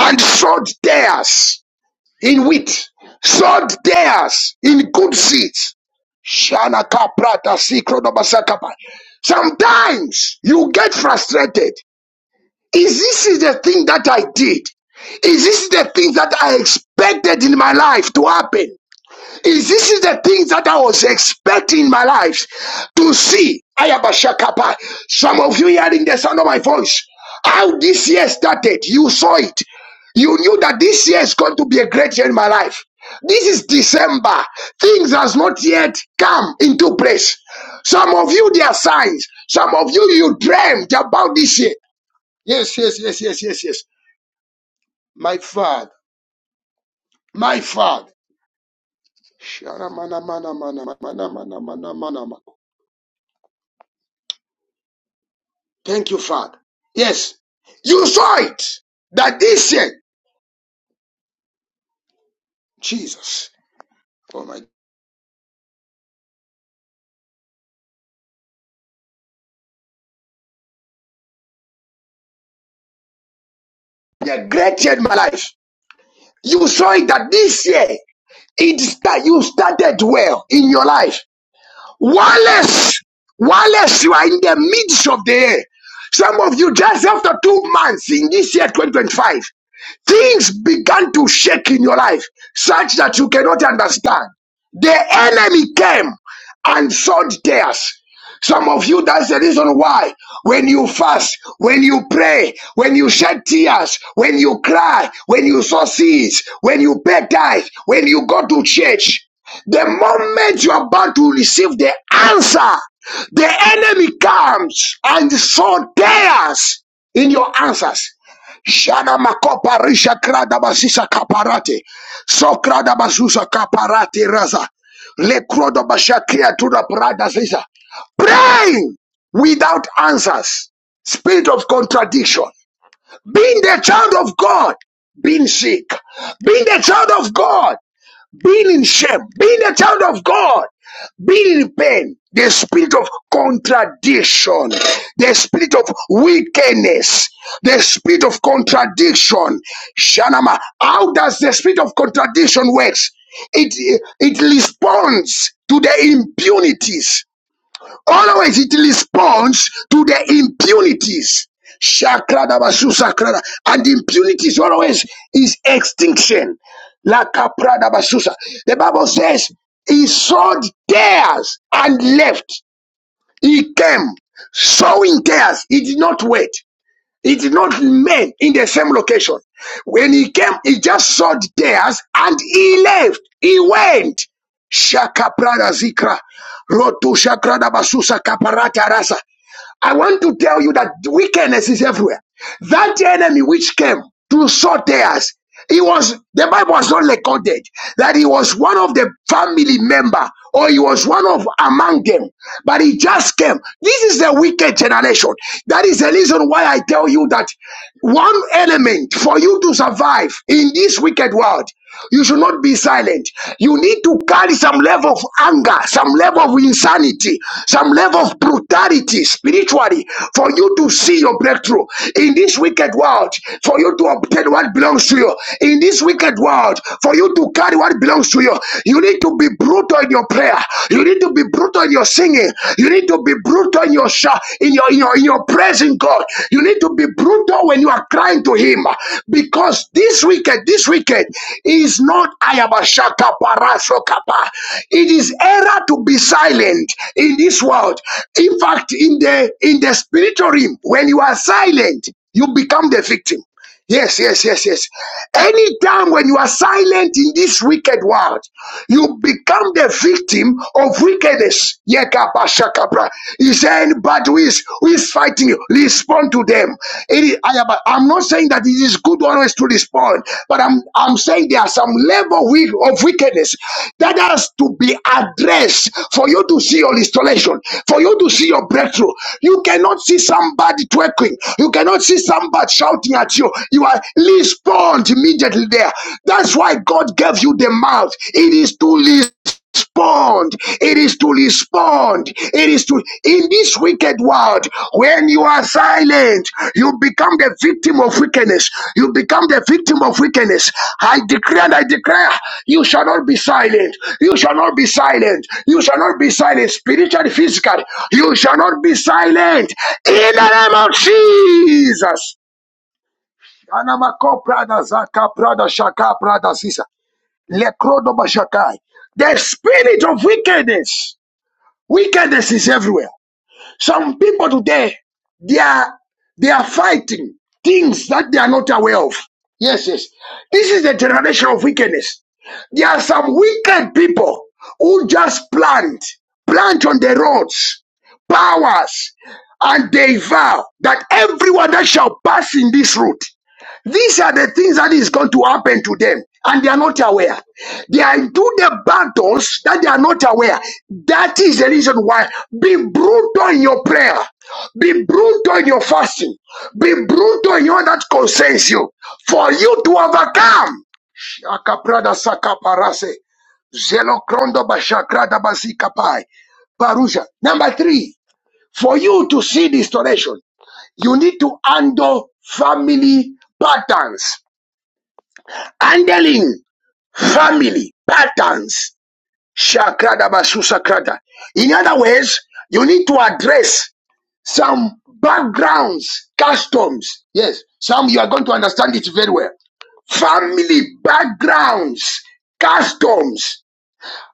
[SPEAKER 1] and sowed theirs in wheat, sowed theirs in good seeds. Shana kaprata sikro no basakapa. Sometimes you get frustrated. Is this the thing that I did? Is this the thing that I expected in my life to happen? Is this is the things that I was expecting in my life to see. Ayabashakapa. Some of you hearing the sound of my voice. How this year started, you saw it. You knew that this year is going to be a great year in my life. This is December. Things has not yet come into place. Some of you, there are signs. Some of you, you dreamt about this year. Yes, yes, yes, yes, yes, yes. My father, my father. Shara mana mana mana mana mana mana mana Thank you, Father. Yes, you saw it that this year, Jesus, oh my, the great year in my life. You saw it that this year, it that you started well in your life. Wallace, Wallace, you are in the midst of the year. Some of you just after two months in this year, 2025. Things began to shake in your life such that you cannot understand. The enemy came and sowed tears. Some of you, that's the reason why when you fast, when you pray, when you shed tears, when you cry, when you sow seeds, when you pay tithe, when you go to church, the moment you are about to receive the answer, the enemy comes and sow tears in your answers. Shana makopa risha krada basisa kaparate. So krada basusa kaparate raza. Le krodo bashakia tuna prada sisa. Praying without answers. Spirit of contradiction. Being the child of God. Being sick. Being the child of God. Being in shame, being a child of God, being in pain, the spirit of contradiction, the spirit of wickedness, the spirit of contradiction. Shanama, how does the spirit of contradiction works? It it responds to the impunities Always it responds to the impunities. Shakrada basu sakrada. And impunities always is extinction. La caprada basusa. The Bible says he sowed tears and left. He came sowing tears. He did not wait. He did not remain in the same location. When he came, he just saw the tears and he left. He went. Shaka prada zikra. Rotu shakra da basusa kaparata rasa. I want to tell you that wickedness is everywhere. That enemy which came to sow us, he was the Bible was not recorded that he was one of the family member or he was one of among them, but he just came. This is a wicked generation. That is the reason why I tell you that one element for you to survive in this wicked world you should not be silent. You need to carry some level of anger, some level of insanity, some level of brutality spiritually for you to see your breakthrough in this wicked world, for you to obtain what belongs to you. In this wicked world, for you to carry what belongs to you, you need to be brutal in your prayer. You need to be brutal in your singing. You need to be brutal in your, sh- in your, in your, in your praising God. You need to be be brutal when you are crying to him because this wicked, this wicked is not Ayabashaka Parasokapa. It is error to be silent in this world. In fact, in the in the spiritual realm, when you are silent, you become the victim. Yes, yes, yes, yes. Anytime when you are silent in this wicked world, you become the victim of wickedness. Yekabashakabra. He said, but who is, who is fighting you? Respond to them. It is, I am, I'm not saying that it is good always to respond, but I'm, I'm saying there are some level wi- of wickedness that has to be addressed for you to see your installation, for you to see your breakthrough. You cannot see somebody twerking. You cannot see somebody shouting shouting at you, you are respond immediately there. That's why God gave you the mouth. It is to respond. It is to respond. It is to in this wicked world, when you are silent, you become the victim of wickedness. You become the victim of wickedness. I declare! and I declare, you shall not be silent. You shall not be silent. You shall not be silent. Spiritually, physically, you shall not be silent. In the name of Jesus. Kanamako Prada Zaka Prada Shaka Prada Sisa. Lekrodo Bashakai. The spirit of wickedness. Wickedness is everywhere. Some people today, they are they are fighting things that they are not aware of. Yes, yes. This is the generation of wickedness. There are some wicked people who just plant, plant on the roads, powers, and they vow that everyone that shall pass in this route these are the things that is going to happen to them, and they are not aware. They are into the battles that they are not aware. That is the reason why be brutal in your prayer, be brutal in your fasting, be brutal in all that concerns you, for you to overcome. Shakaprada sakaparase, zelokrondo bashakrada basikapai, parusia. Number three, for you to see restoration. You need to handle family patterns. Handling family patterns. Shakrada basusakrada. In other words, you need to address some backgrounds, customs. Yes, some you are going to understand it very well family backgrounds, customs.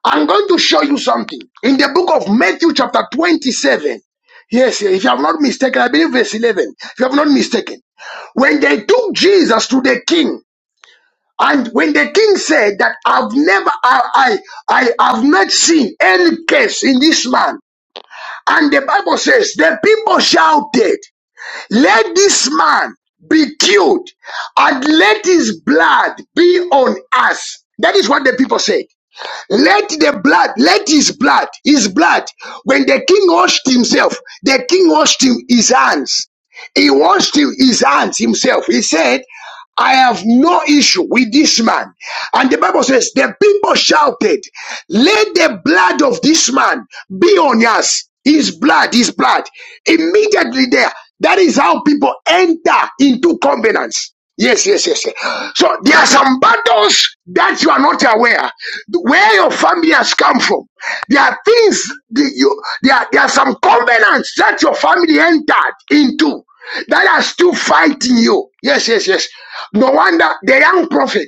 [SPEAKER 1] I'm going to show you something. In the book of Matthew, chapter 27. Yes, if you have not mistaken, I believe verse 11. If you have not mistaken. When they took Jesus to the king, and when the king said that I've never, I, I, I have not seen any case in this man. And the Bible says the people shouted, let this man be killed and let his blood be on us. That is what the people said. Let the blood, let his blood, his blood. When the king washed himself, the king washed him his hands. He washed him his hands himself. He said, I have no issue with this man. And the Bible says, the people shouted, let the blood of this man be on us. His blood, his blood. Immediately there. That is how people enter into covenants. Yes, yes, yes, yes. So there are some battles that you are not aware where your family has come from. There are things that you there are, there are some covenants that your family entered into that are still fighting you. Yes, yes, yes. No wonder the young prophet,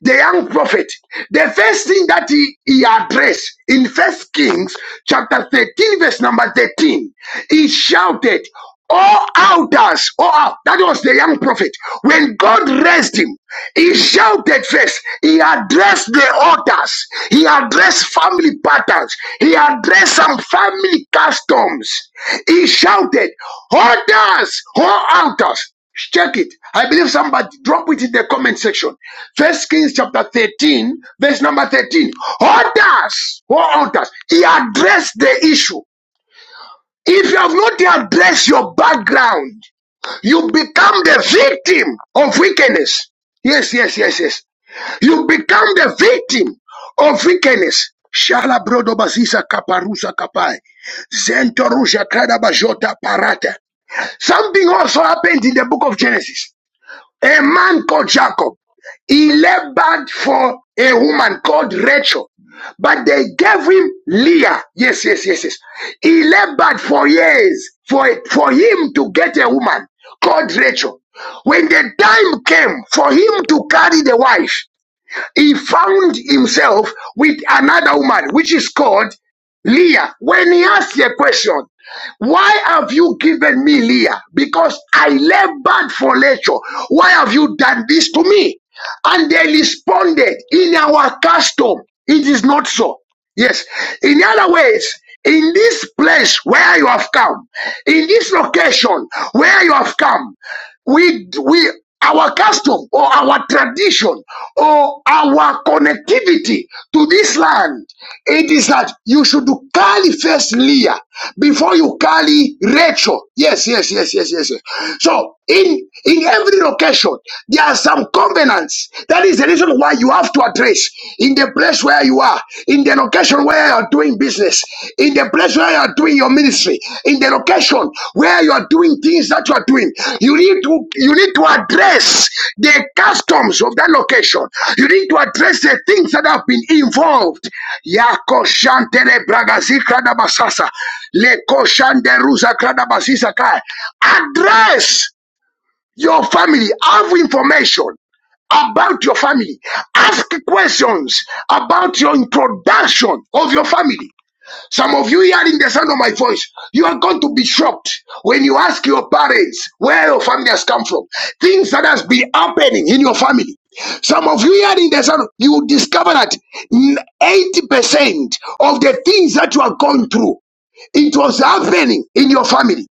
[SPEAKER 1] the young prophet, the first thing that he, he addressed in First Kings chapter 13, verse number 13, he shouted all outers, all out. That was the young prophet. When God raised him, he shouted first. He addressed the altars. He addressed family patterns. He addressed some family customs. He shouted, altars, all outers!" Check it. I believe somebody drop it in the comment section. First Kings chapter 13, verse number 13. Altars, all altars. He addressed the issue. If you have not addressed your background, you become the victim of wickedness. Yes, yes, yes, yes. You become the victim of wickedness. Shala brodo bazisa kaparusa kapai. Zentorusha kada bajota parata. Something also happened in the book of Genesis a man called Jacob. He labored for a woman called Rachel, but they gave him Leah. Yes, yes, yes, yes. He labored for years for, for him to get a woman called Rachel. When the time came for him to carry the wife, he found himself with another woman, which is called Leah. When he asked a question, why have you given me Leah? Because I labored for nature. Why have you done this to me? And they responded, in our custom, it is not so. Yes. In other words, in this place where you have come, in this location where you have come, we we our custom or our tradition or our connectivity to this land. It is that you should carry first Leah before you carry Rachel. Yes, yes, yes, yes, yes. yes. So in in every location, there are some covenants. That is the reason why you have to address in the place where you are, in the location where location where you are doing business, in the place where you are doing your ministry, in the location where you are doing things that you are doing, you need to you need to address the customs of that location. You need to address the things that have been involved. Yako shantele bragazi kradabasasa. Leko shande ruza kradabasisa kai. Address your family have information about your family. Ask questions about your introduction of your family. Some of you hearing the sound of my voice, you are going to be shocked when you ask your parents where your family has come from. Things that has been happening in your family. Some of you hearing the sound, you will discover that 80% of the things that you are going through, it was happening in your family.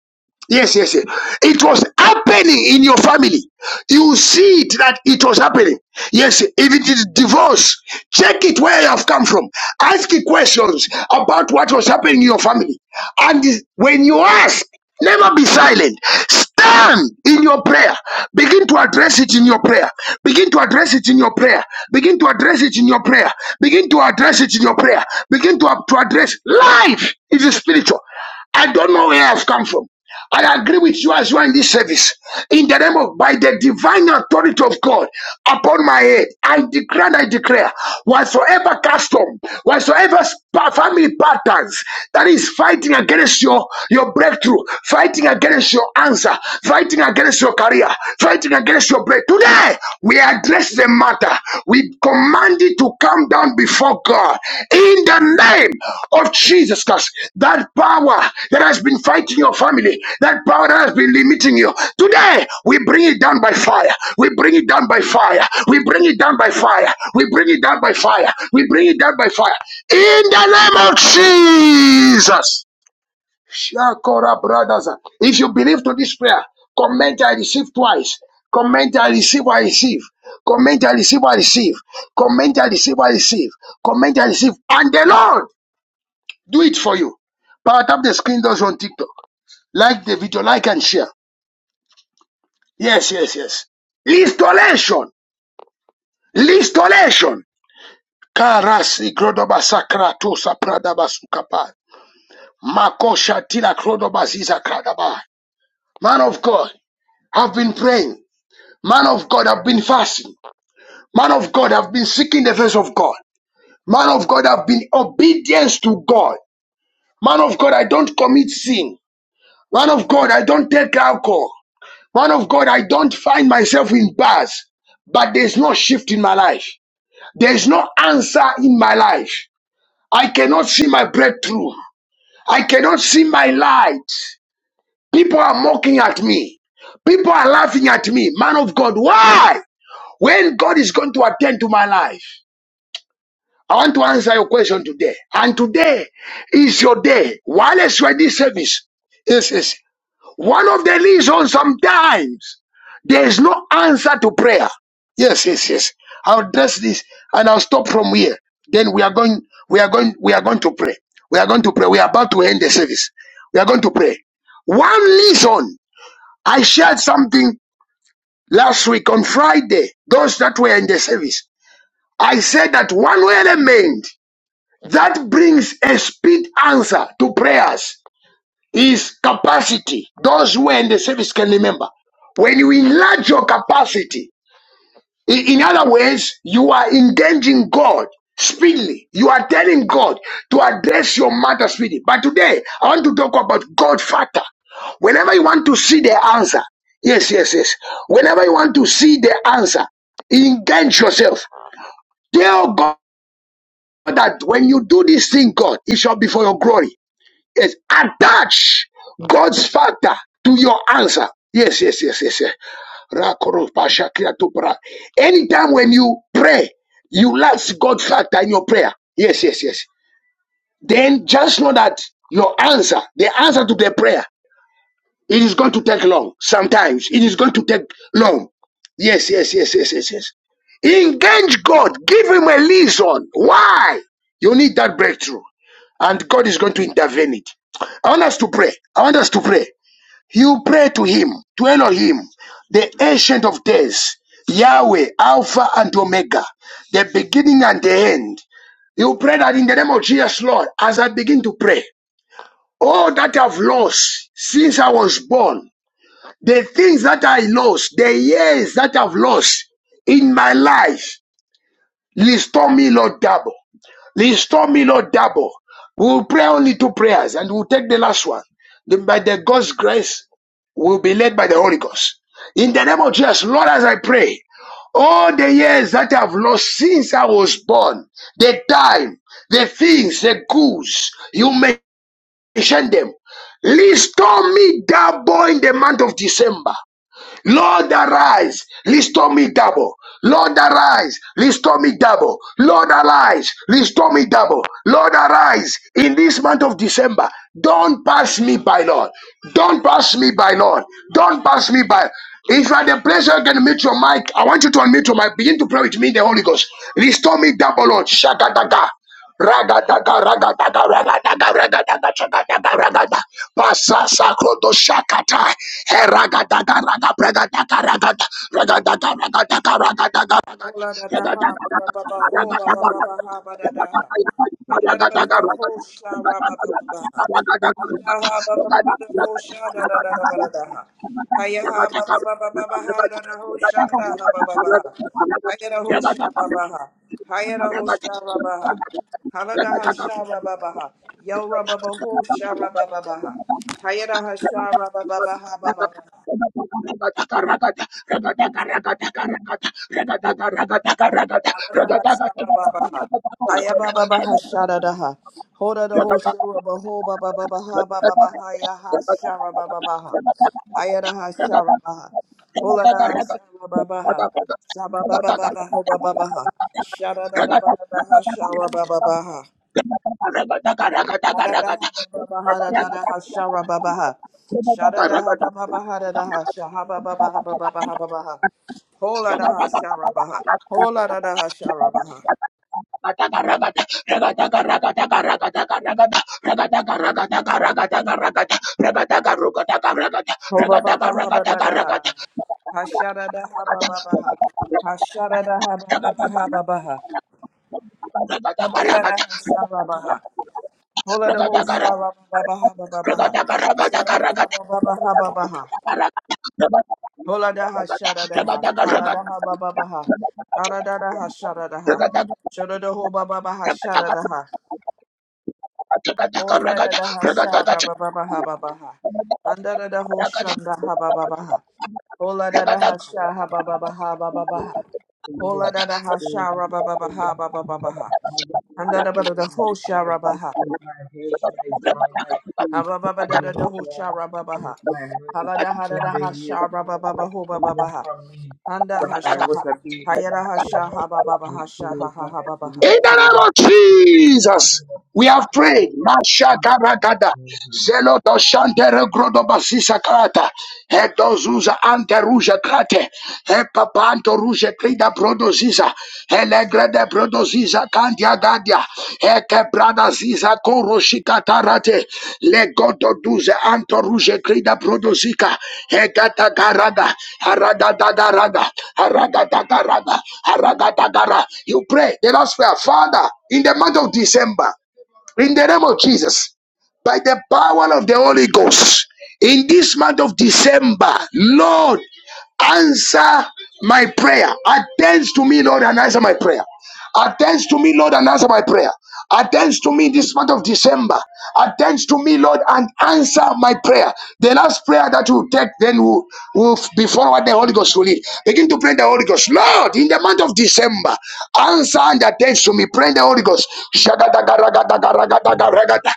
[SPEAKER 1] Yes, yes, yes. It was happening in your family. You see it that it was happening. Yes, if it is divorce, check it where you have come from. Ask it questions about what was happening in your family. And is- when you ask, never be silent. Stand in your prayer. Begin to address it in your prayer. Begin to address it in your prayer. Begin to address it in your prayer. Begin to address it in your prayer. Begin to, to address life is spiritual. I don't know where I've come from. I agree with you as well in this service. In the name of, by the divine authority of God upon my head, I declare and I declare whatsoever custom, whatsoever family patterns that is fighting against your, your breakthrough, fighting against your answer, fighting against your career, fighting against your break. Today, we are address the matter. We command it to come down before God in the name of Jesus Christ. That power that has been fighting your family, that power that has been limiting you, today we bring it down by fire. We bring it down by fire. We bring it down by fire. We bring it down by fire. We bring it down by fire. In the name of Jesus. Shakora brothers. If you believe to this prayer, comment I receive twice. Comment I receive, I receive. Comment I receive, I receive. Comment I receive, I receive. Comment I receive. And the Lord do it for you. Power tap the screen those on TikTok. Like the video, like and share. Yes, yes, yes. Listolation. Listolation. Karasi grodoba sakra tosa pradaba sukapa. Makosha tila krodoba ziza Man of God, I've been praying. Man of God i have been fasting. Man of God i have been seeking the face of God. Man of God i have been obedience to God. Man of God, I don't commit sin. Man of God, I don't take alcohol. Man of God, I don't find myself in bars. But there's no shift in my life. There's no answer in my life. I cannot see my breakthrough. I cannot see my light. People are mocking at me. People are laughing at me. Man of God, why? When God is going to attend to my life? I want to answer your question today. And today is your day. Wireless ready service. This is one of the reasons sometimes there is no answer to prayer. Yes, yes, yes. I'll address this and I'll stop from here. Then we are going, we are going, we are going to pray. We are going to pray. We are about to end the service. We are going to pray. One reason I shared something last week on Friday, those that were in the service. I said that one element that brings a speed answer to prayers is capacity. Those who are in the service can remember. When you enlarge your capacity, in other words, you are engaging God speedily. You are telling God to address your matter speedily. But today, I want to talk about God factor. Whenever you want to see the answer, yes, yes, yes. Whenever you want to see the answer, engage yourself. Tell God that when you do this thing, God, it shall be for your glory. Yes, attach God's factor to your answer. Yes, yes, yes, yes, yes. Rakoro pasha Anytime when you pray, you lack God's factor in your prayer. Yes, yes, yes. Then just know that your answer, the answer to the prayer. It is going to take long. Sometimes it is going to take long. Yes, yes, yes, yes, yes, yes. Engage God. Give him a reason. Why? You need that breakthrough. And God is going to intervene it. I want us to pray. I want us to pray. You pray to him, to Elohim, the ancient of days, Yahweh, Alpha and Omega, the beginning and the end. You pray that in the name of Jesus, Lord, as I begin to pray, all that I've lost since I was born, the things that I lost, the years that I've lost in my life, restore me, Lord, double. Restore me, Lord, double. We'll pray only two prayers and we'll take the last one. Then by the God's grace, we'll be led by the Holy Ghost. In the name of Jesus, Lord, as I pray, all the years that I've lost since I was born, the time, the things, the goods, you mentioned them. Restore me double in the month of December. Lord arise, restore me double. Lord arise, restore me double. Lord arise, restore me double. Lord arise in this month of December. Don't pass me by, Lord. Don't pass me by, Lord. Don't pass me by. If you are the place where you can meet your mic, I want you to unmute your mic. Begin to pray with me in the Holy Ghost. Restore me double, Lord. Shakataka. Ragadaga, ragadaga, ragadaga, ragadaga, chagadaga, ragada. Pasasa krodo shakata. He ragadaga, raga, bragadaga, ragada. Ragadaga, ragadaga, ragadaga, ragada.
[SPEAKER 3] Ola da da
[SPEAKER 1] Ragadaga, ragadaga,
[SPEAKER 3] ha ba ba ba ba ho
[SPEAKER 1] ragadaga,
[SPEAKER 3] ba ba ba
[SPEAKER 1] ragada.
[SPEAKER 3] ba ha ba da da
[SPEAKER 1] Ragadaga,
[SPEAKER 3] ha. Anda
[SPEAKER 1] ragadaga, ragada.
[SPEAKER 3] da ba
[SPEAKER 1] Ragadaga,
[SPEAKER 3] da da ho sha ra ba ba ba ba ha. Anda ha ba ba ba ba da ho sha da da da da ba da da ha. Haya ha ba ba ba ba ba ba ha da da ho sha da ha
[SPEAKER 1] ragadaga,
[SPEAKER 3] ba ba ba
[SPEAKER 1] ragada.
[SPEAKER 3] ha.
[SPEAKER 1] Ragadaga,
[SPEAKER 3] Haya da ho
[SPEAKER 1] ragadaga,
[SPEAKER 3] sha ba
[SPEAKER 1] ragadaga.
[SPEAKER 3] ba ha. Haya da ho sha ba ba ha. Hala da ha sha ra ba ba ha. Yo ra ba ba ho sha ra ba ba ba ha. Haya da ha sha ra ba ba ba ha ba ba ba ha. Aladaha Sababaha. Hayababaha
[SPEAKER 1] Ragada
[SPEAKER 3] Shadadaha. Hoda the ho
[SPEAKER 1] Ragada,
[SPEAKER 3] shura baho baba baba ha baba baha ya shara baba baha. Ayada ha shara baha. Hola da ha shara baba ha. Shaba baba baba ho baba baha. Shara da baba baha shara baba baha. Hada da baba hada da shara baba ha. Shada da baba baha da da ha shaha baba baha baba baha baba ha. shara baha. Hola da shara baha. Ho baba haba ba da da ha. Ha da haba baba ba ba ha. Ha da haba baba ba ba ba ha baba ba ha. Ha ya da ha sha ba ba ha. Hola da ho sha ha ba ba ba ha. Sha da da ha ha ba ha. Hola da ha sha da da ha. Hala da ha ba ha. Ha da da da ha sha da da ha. Sha da da ho ba da ha. Ho da da ha sha ha ba ha. Anda da da
[SPEAKER 1] In
[SPEAKER 3] da ha ba ha. Hola da da
[SPEAKER 1] the
[SPEAKER 3] ha sha ha ba ba
[SPEAKER 2] Amen.
[SPEAKER 3] ba ha ba ba
[SPEAKER 2] My
[SPEAKER 3] ba ha.
[SPEAKER 2] virtue,
[SPEAKER 3] Hola da da ha
[SPEAKER 2] my
[SPEAKER 3] sha ra ba ba ba ha ba ba ba ba ha. Handa da ba da da ho sha ra ba ha.
[SPEAKER 2] health, my joy, my
[SPEAKER 3] Ha
[SPEAKER 2] peace,
[SPEAKER 3] ba ba ba da da
[SPEAKER 2] my
[SPEAKER 3] da ho
[SPEAKER 2] joy,
[SPEAKER 3] sha
[SPEAKER 2] my
[SPEAKER 3] ra ba ba ha.
[SPEAKER 2] happiness, my marriage
[SPEAKER 3] Hala da ha da
[SPEAKER 2] in
[SPEAKER 3] da
[SPEAKER 2] the
[SPEAKER 3] ha
[SPEAKER 2] years
[SPEAKER 3] sha ra
[SPEAKER 2] all
[SPEAKER 3] ba
[SPEAKER 2] that
[SPEAKER 3] ba ba
[SPEAKER 2] were
[SPEAKER 3] ho ba ba ba
[SPEAKER 2] stolen
[SPEAKER 3] ha.
[SPEAKER 2] from me,
[SPEAKER 3] Handa
[SPEAKER 2] from
[SPEAKER 3] ha
[SPEAKER 2] I
[SPEAKER 3] sha
[SPEAKER 2] was
[SPEAKER 3] ha.
[SPEAKER 2] a baby
[SPEAKER 3] Hayara ha
[SPEAKER 2] until
[SPEAKER 3] sha
[SPEAKER 2] now.
[SPEAKER 3] ha ba ba ba
[SPEAKER 2] I
[SPEAKER 3] ha sha
[SPEAKER 2] pray,
[SPEAKER 3] ha
[SPEAKER 2] O
[SPEAKER 3] ha
[SPEAKER 2] God,
[SPEAKER 3] ha
[SPEAKER 2] that
[SPEAKER 3] ba ba
[SPEAKER 2] you
[SPEAKER 3] ha.
[SPEAKER 1] name
[SPEAKER 2] restore them
[SPEAKER 1] of
[SPEAKER 2] unto me.
[SPEAKER 1] Jesus,
[SPEAKER 2] In the
[SPEAKER 1] we have
[SPEAKER 2] mighty
[SPEAKER 1] prayed.
[SPEAKER 2] name of
[SPEAKER 1] Mashakarakada,
[SPEAKER 2] Jesus.
[SPEAKER 1] Zeloto Shantere Grodobasisa Krata, Hetozuza Ante Krate, Hepapanto Ruja Krida Prodoziza, Elegrede Prodoziza Kantia gadia, Heke brada ziza koro shikatarate. Legodo duze anto ruje krida brodozika. Hekata garada. Harada dagarada. Harada dagarada. Harada dagara. You pray. The last prayer. Father, in the month of December, in the name of Jesus, by the power of the Holy Ghost, in this month of December, Lord. Answer my prayer. Attend to me, Lord, and answer my prayer. Attend to me, Lord, and answer my prayer. Attend to me this month of December. Attend to me, Lord, and answer my prayer. The last prayer that you take then will, will be forward the Holy Ghost will lead. Begin to pray the Holy Ghost. Lord, in the month of December, answer and attend to me. Pray the Holy Ghost. Shagadagaragadagaragadagaragada.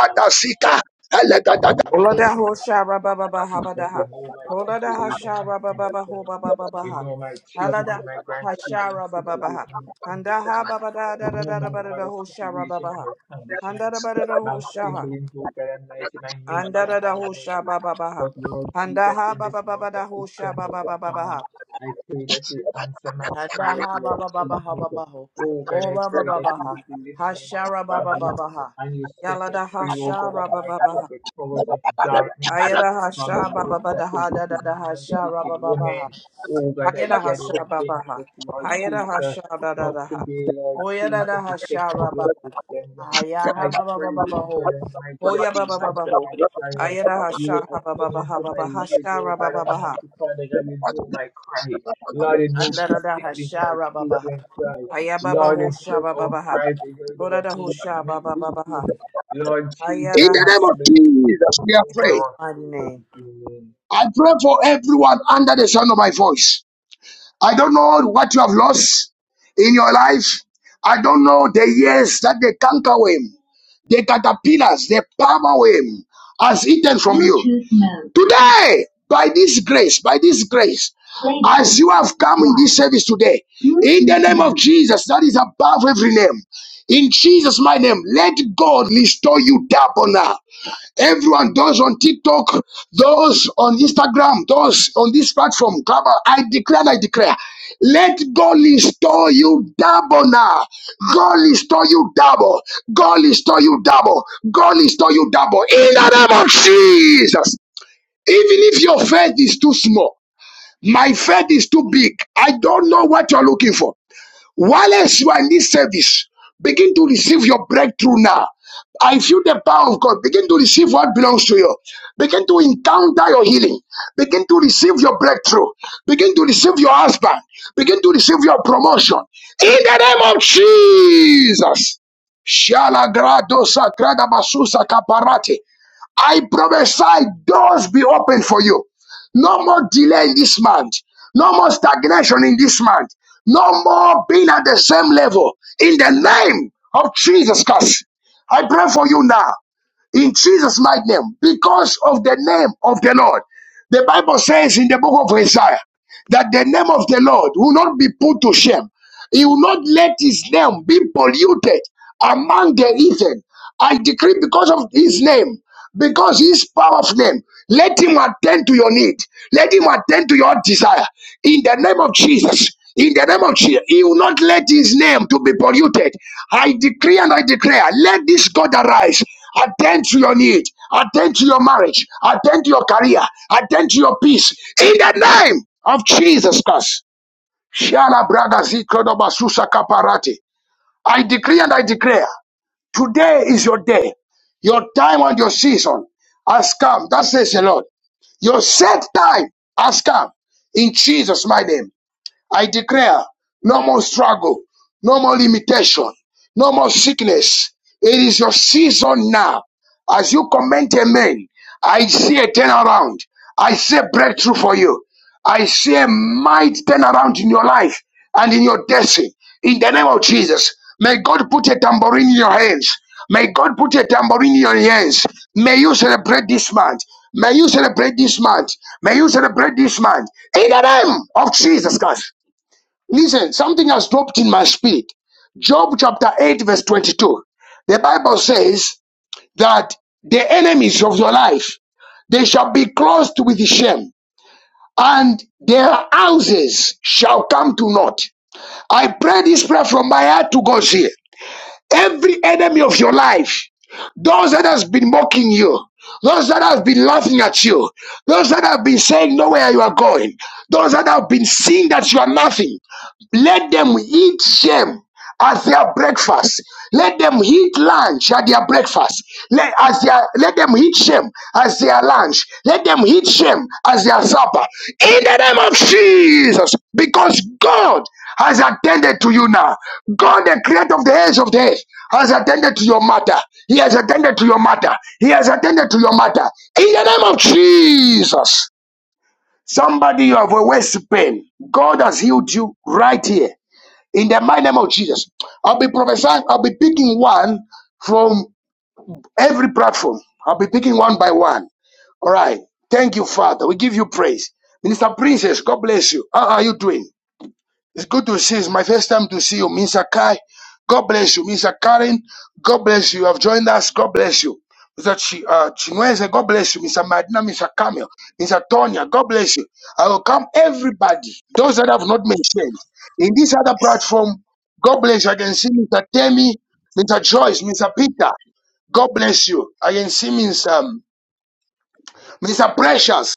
[SPEAKER 2] Amen.
[SPEAKER 1] sika. Elegadagabragada.
[SPEAKER 3] Olada
[SPEAKER 2] Amen.
[SPEAKER 3] ho shara baba baha
[SPEAKER 2] Jesus, you
[SPEAKER 3] badaha.
[SPEAKER 2] know my
[SPEAKER 3] Olada ha
[SPEAKER 2] situation, my
[SPEAKER 3] shara baba
[SPEAKER 2] condition.
[SPEAKER 3] baho baba
[SPEAKER 2] You
[SPEAKER 3] baha.
[SPEAKER 2] know my children
[SPEAKER 3] Halada
[SPEAKER 2] and my
[SPEAKER 3] ha
[SPEAKER 2] grandchildren's
[SPEAKER 3] shara baba baha.
[SPEAKER 2] situation and
[SPEAKER 3] Handa ha
[SPEAKER 2] condition.
[SPEAKER 3] baba da
[SPEAKER 2] You
[SPEAKER 3] da da
[SPEAKER 2] know
[SPEAKER 3] da da
[SPEAKER 2] my
[SPEAKER 3] ba da da
[SPEAKER 2] mother's
[SPEAKER 3] ho shara
[SPEAKER 2] situation
[SPEAKER 3] baba
[SPEAKER 2] and
[SPEAKER 3] ha.
[SPEAKER 2] her condition.
[SPEAKER 3] Handa da ba da da ho
[SPEAKER 2] My
[SPEAKER 3] shaha.
[SPEAKER 2] siblings, oh God Almighty, my nieces
[SPEAKER 3] Handa
[SPEAKER 2] and
[SPEAKER 3] da da
[SPEAKER 2] my
[SPEAKER 3] ho sha
[SPEAKER 2] nephews.
[SPEAKER 3] baba baha.
[SPEAKER 2] But Lord
[SPEAKER 3] Handa
[SPEAKER 2] Jesus,
[SPEAKER 3] ha
[SPEAKER 2] in this
[SPEAKER 3] baba
[SPEAKER 2] month
[SPEAKER 3] baba
[SPEAKER 2] of
[SPEAKER 3] da ho sha
[SPEAKER 2] December,
[SPEAKER 3] baba
[SPEAKER 2] oh
[SPEAKER 3] baba
[SPEAKER 2] God,
[SPEAKER 3] baha.
[SPEAKER 2] I pray that you answer my
[SPEAKER 3] Handa
[SPEAKER 2] prayers,
[SPEAKER 3] ha
[SPEAKER 2] Lord
[SPEAKER 3] baba baba ha
[SPEAKER 2] Jesus.
[SPEAKER 3] baba ho.
[SPEAKER 2] Oh God,
[SPEAKER 3] Ho
[SPEAKER 2] I
[SPEAKER 3] baba
[SPEAKER 2] pray that
[SPEAKER 3] baba
[SPEAKER 2] you
[SPEAKER 3] ha.
[SPEAKER 2] will deliver
[SPEAKER 3] Ha
[SPEAKER 2] me and my
[SPEAKER 3] shara baba
[SPEAKER 2] family
[SPEAKER 3] baba ha.
[SPEAKER 2] and you set us
[SPEAKER 3] Yalada
[SPEAKER 2] free, oh
[SPEAKER 3] ha
[SPEAKER 2] God
[SPEAKER 3] baba
[SPEAKER 2] Almighty,
[SPEAKER 3] baba
[SPEAKER 2] from the powers of darkness
[SPEAKER 3] Ayada
[SPEAKER 2] from the
[SPEAKER 3] hasha baba
[SPEAKER 2] words of
[SPEAKER 3] bada
[SPEAKER 2] the
[SPEAKER 3] ha da da
[SPEAKER 2] wicked
[SPEAKER 3] da
[SPEAKER 2] man and
[SPEAKER 3] hasha
[SPEAKER 2] the wicked
[SPEAKER 3] raba baba ha.
[SPEAKER 2] woman. Oh God, I
[SPEAKER 3] Ayada
[SPEAKER 2] gather
[SPEAKER 3] hasha baba
[SPEAKER 2] against
[SPEAKER 3] ha.
[SPEAKER 2] us, Lord
[SPEAKER 3] Ayada
[SPEAKER 2] Jesus.
[SPEAKER 3] hasha da da
[SPEAKER 2] But
[SPEAKER 3] da ha.
[SPEAKER 2] today, Lord
[SPEAKER 3] Hoya da
[SPEAKER 2] Jesus,
[SPEAKER 3] da
[SPEAKER 2] the
[SPEAKER 3] hasha
[SPEAKER 2] second day
[SPEAKER 3] raba
[SPEAKER 2] of
[SPEAKER 3] ha.
[SPEAKER 2] December,
[SPEAKER 3] Aya
[SPEAKER 1] In the
[SPEAKER 3] ha
[SPEAKER 2] I
[SPEAKER 3] baba baba
[SPEAKER 2] pray, oh
[SPEAKER 3] baba ho.
[SPEAKER 2] God Almighty, that
[SPEAKER 3] Hoya
[SPEAKER 2] you
[SPEAKER 3] baba
[SPEAKER 2] will
[SPEAKER 3] baba
[SPEAKER 2] answer
[SPEAKER 3] ho.
[SPEAKER 2] my prayers.
[SPEAKER 3] Ayada
[SPEAKER 2] You will
[SPEAKER 3] hasha ha baba baba
[SPEAKER 2] attend
[SPEAKER 3] ha
[SPEAKER 2] unto my
[SPEAKER 3] baba
[SPEAKER 2] ears,
[SPEAKER 3] hasha
[SPEAKER 2] oh
[SPEAKER 3] raba
[SPEAKER 2] God
[SPEAKER 3] baba ha.
[SPEAKER 2] Almighty, Father, that you know my cry. Lord, you know
[SPEAKER 3] Anda
[SPEAKER 2] my
[SPEAKER 3] da da
[SPEAKER 2] siblings, my
[SPEAKER 3] hasha raba baba ha.
[SPEAKER 2] children cry.
[SPEAKER 3] Aya baba
[SPEAKER 2] Lord,
[SPEAKER 3] ho
[SPEAKER 2] you
[SPEAKER 3] sha
[SPEAKER 2] heard
[SPEAKER 3] baba
[SPEAKER 2] our
[SPEAKER 3] baba ha.
[SPEAKER 2] cries, you heard our
[SPEAKER 3] Hoda da ho
[SPEAKER 2] need,
[SPEAKER 3] sha
[SPEAKER 2] me-
[SPEAKER 3] baba baba
[SPEAKER 2] weeping.
[SPEAKER 3] ha.
[SPEAKER 2] Lord Jesus,
[SPEAKER 3] Ayada
[SPEAKER 2] when the
[SPEAKER 1] name of
[SPEAKER 3] hasha
[SPEAKER 2] tribulation
[SPEAKER 1] Jesus,
[SPEAKER 2] comes
[SPEAKER 1] we are praying.
[SPEAKER 2] over us,
[SPEAKER 3] mighty
[SPEAKER 2] oh God,
[SPEAKER 3] name.
[SPEAKER 2] amen.
[SPEAKER 1] I pray for everyone under the sound of my voice. I don't know what you have lost in your life. I don't know the years that the cankerworm, the caterpillars, the palmer worm has eaten from you. Today, by this grace, by this grace, as you have come in this service today, in the name of Jesus, that is above every name, in Jesus' my name, let God restore you double now. Everyone, those on TikTok, those on Instagram, those on this platform, come on, I declare, and I declare, let God restore you double now. God restore you double. God restore you double. God restore you double. In the name of Jesus. Even if your faith is too small, my faith is too big. I don't know what you're looking for. Whilst you are in this service, begin to receive your breakthrough now. I feel the power of God. Begin to receive what belongs to you. Begin to encounter your healing. Begin to receive your breakthrough. Begin to receive your husband. Begin to receive your promotion. In the name of Jesus. Shala gradosa grada basusa kaparate. I prophesy doors be open for you. No more delay in this month. No more stagnation in this month. No more being at the same level. In the name of Jesus Christ, I pray for you now in Jesus' mighty name, because of the name of the Lord. The Bible says in the book of Isaiah that the name of the Lord will not be put to shame. He will not let his name be polluted among the heathen. I decree because of his name, because his power of name, let him attend to your need. Let him attend to your desire in the name of Jesus. In the name of Jesus, he will not let his name to be polluted. I decree and I declare, let this God arise. Attend to your need, attend to your marriage, attend to your career, attend to your peace. In the name of Jesus Christ. Shala braga zikodoba susa kaparati. I decree and I declare, today is your day. Your time and your season has come. That says the Lord. Your set time has come in Jesus' mighty name. I declare no more struggle, no more limitation, no more sickness. It is your season now. As you comment amen, I see a turnaround. I see a breakthrough for you. I see a mighty turnaround in your life and in your destiny. In the name of Jesus, may God put a tambourine in your hands. May God put a tambourine in your hands. May you celebrate this month. May you celebrate this month. May you celebrate this month. In the name of Jesus Christ. Listen, something has dropped in my spirit. Job chapter 8, verse 22. The Bible says that the enemies of your life, they shall be clothed with shame, and their houses shall come to naught. I pray this prayer from my heart to God here. Every enemy of your life, those that has been mocking you, those that have been laughing at you, those that have been saying nowhere you are going, those that have been seeing that you are nothing, let them eat shame as their breakfast. Let them eat lunch at their breakfast. Let, as their, let them eat shame as their lunch. Let them eat shame as their supper. In the name of Jesus, because God has attended to you now. God, the creator of the ends of the earth, has attended to your matter. He has attended to your matter. He has attended to your matter. In the name of Jesus. Somebody, you have a waist pain. God has healed you right here. In the mighty name of Jesus. I'll be prophesying, I'll be picking one from every platform. I'll be picking one by one. All right. Thank you, Father. We give you praise. Minister Princess, God bless you. How are you doing? It's good to see. It's my first time to see you, Miss Akai. God bless you, Miss Karen. God bless you. You have joined us. God bless you. Mr. Ch- uh, Chinweze, God bless you. Mr. Madina, Mr. Camille, Mr. Tonya, God bless you. I will come everybody, those that have not mentioned. In this other platform, God bless you. I can see Mr. Temi, Mr. Joyce, Mr. Peter. God bless you. I can see Mr. Mr. Precious,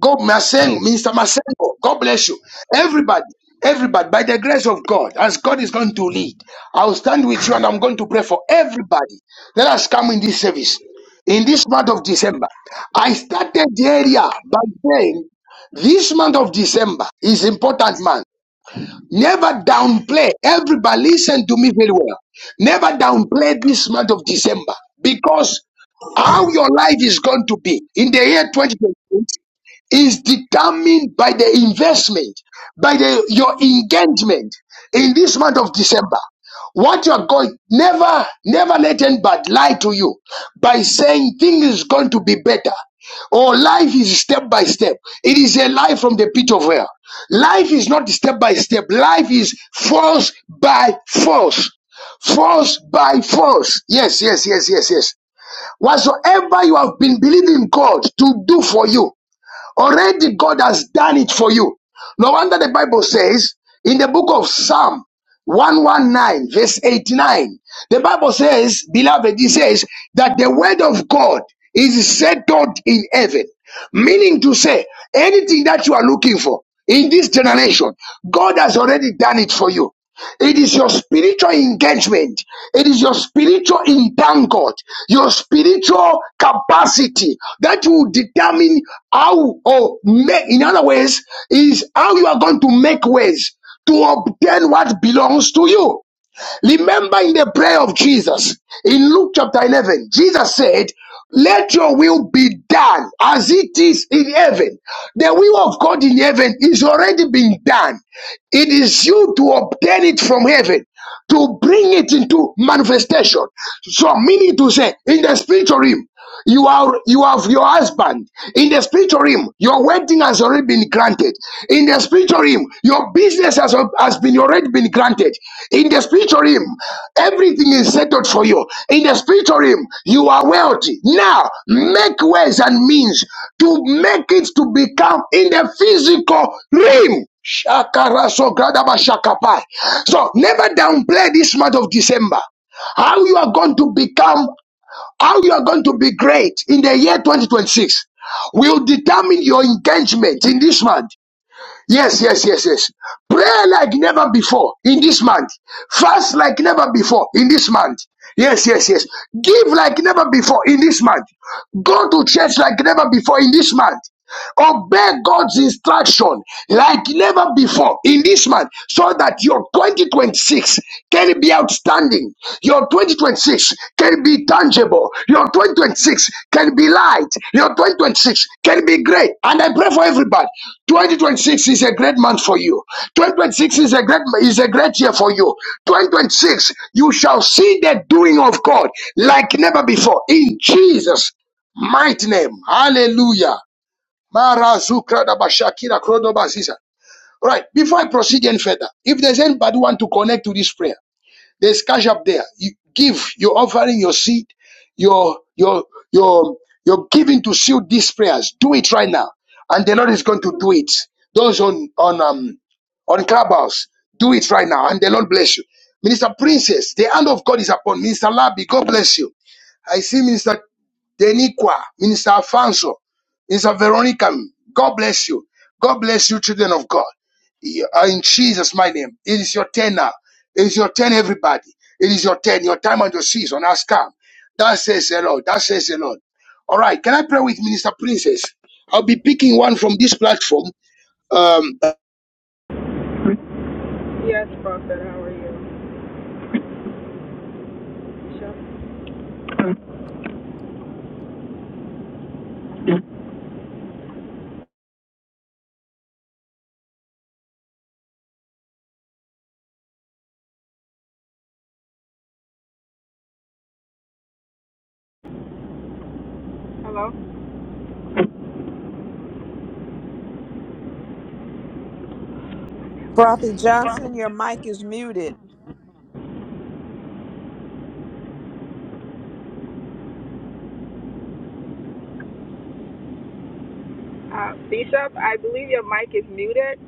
[SPEAKER 1] God Masengo, Mr. Masengo, God bless you. Everybody, everybody, by the grace of God, as God is going to lead, I'll stand with you and I'm going to pray for everybody. Let us come in this service. In this month of December, I started the area by saying this month of December is important month. Never downplay. Everybody, listen to me very well. Never downplay this month of December because how your life is going to be in the year 2020 is determined by the investment, by the, your engagement in this month of December. What you are going, never, never let anybody lie to you by saying things is going to be better or life is step by step. It is a lie from the pit of hell. Life is not step by step. Life is force by force. Force by force. Yes, yes, yes, yes, yes. Whatsoever you have been believing God to do for you, Already God has done it for you. No wonder the Bible says in the book of Psalm 119 verse 89 the bible says beloved it says that the word of god is settled in heaven meaning to say anything that you are looking for in this generation god has already done it for you it is your spiritual engagement. It is your spiritual entangled, your spiritual capacity that will determine how, or ma- in other ways, is how you are going to make ways to obtain what belongs to you. Remember in the prayer of Jesus in Luke chapter 11, Jesus said, Let your will be done as it is in heaven. The will of God in heaven is already been done. It is you to obtain it from heaven, to bring it into manifestation. So, meaning to say, in the spiritual realm. You are you have your husband in the spiritual realm. Your wedding has already been granted. In the spiritual realm, your business has, has been already been granted. In the spiritual realm, everything is settled for you. In the spiritual realm, you are wealthy. Now make ways and means to make it to become in the physical realm. Shakarasogadabashakapai. So gradaba shakapai. So never downplay this month of December how you are going to become how you are going to be great in the year 2026 will determine your engagement in this month. Yes, yes, yes, yes. Pray like never before in this month. Fast like never before in this month. Yes, yes, yes. Give like never before in this month. Go to church like never before in this month. Obey God's instruction like never before in this month so that your 2026 can be outstanding. Your your 2026 can be tangible. Your 2026 can be light. Your 2026 can be great. And I pray for everybody. 2026 is a great month for you. 2026 is a great is a great year for you. 2026, you shall see the doing of God like never before. In Jesus' mighty name. Hallelujah. Mara Right. Before I proceed any further, if there's anybody who want to connect to this prayer, there's cash up there. You give You're offering, your seed, your your your your giving to seal these prayers. Do it right now, and the Lord is going to do it. Those on on um on Clubhouse, do it right now, and the Lord bless you. Minister Princess, the hand of God is upon Minister Labi. God bless you. I see Minister Deniqua, Minister Alfonso, Minister Veronica. God bless you. God bless you, children of God. Yeah, In Jesus' mighty name. It is your turn now. It is your turn, everybody. It is your turn. Your time and your season has come. That says the Lord. That says the Lord. All right. Can I pray with Minister Princess? I'll be picking one from this platform. Um,
[SPEAKER 5] Yes, Prophet, how are you? Bishop? Hello?
[SPEAKER 3] Prophet Johnson, your mic is muted.
[SPEAKER 5] Uh, Bishop, I believe your mic is muted.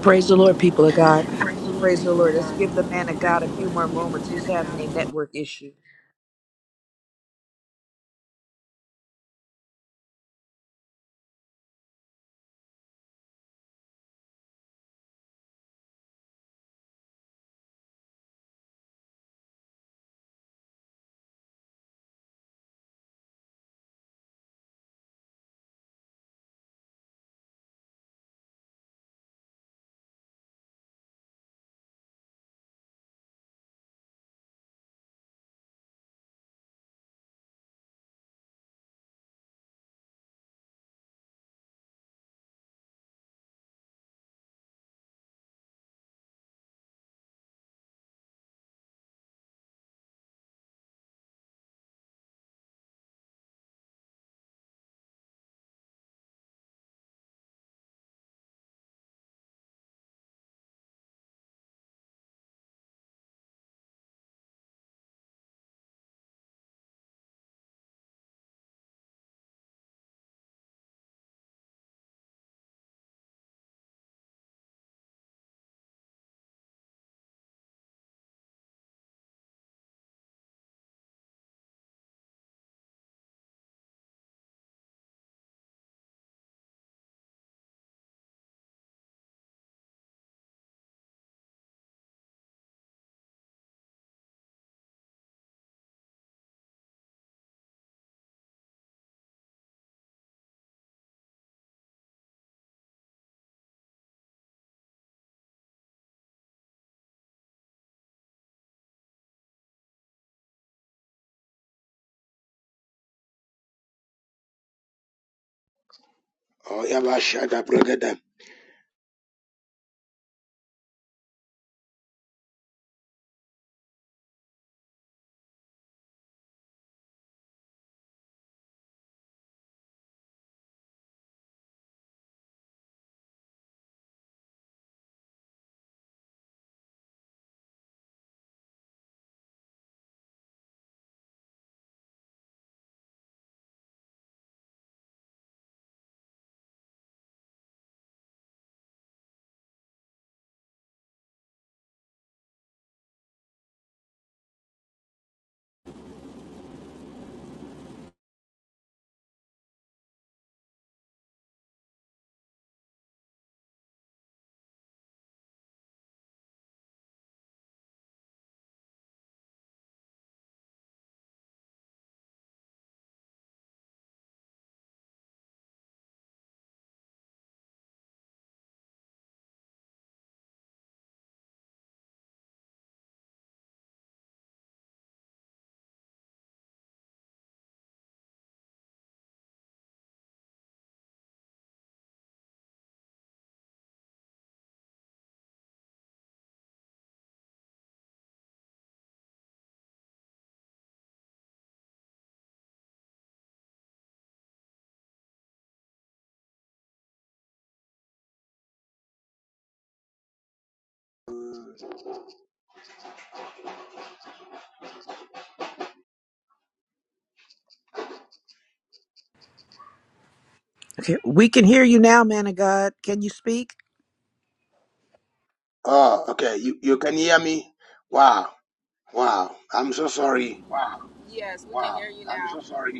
[SPEAKER 3] Praise the Lord, people of God.
[SPEAKER 5] Praise the Lord,
[SPEAKER 3] Praise the
[SPEAKER 5] people of
[SPEAKER 3] Lord. Let's
[SPEAKER 5] God.
[SPEAKER 3] give the man of
[SPEAKER 5] Praise
[SPEAKER 3] God
[SPEAKER 5] the
[SPEAKER 3] a few
[SPEAKER 5] Lord.
[SPEAKER 3] more
[SPEAKER 5] He's the
[SPEAKER 3] moments.
[SPEAKER 5] man
[SPEAKER 3] He's
[SPEAKER 5] of
[SPEAKER 3] having a
[SPEAKER 5] God.
[SPEAKER 3] network issue.
[SPEAKER 1] oh, yeah, but shut up, brother.
[SPEAKER 3] Okay, we can hear you now, man of God. Can you speak?
[SPEAKER 1] Oh, okay. You, you can hear me? Wow. Wow. I'm so sorry.
[SPEAKER 5] Wow. Yes, we can Wow. hear you I'm now. so sorry. to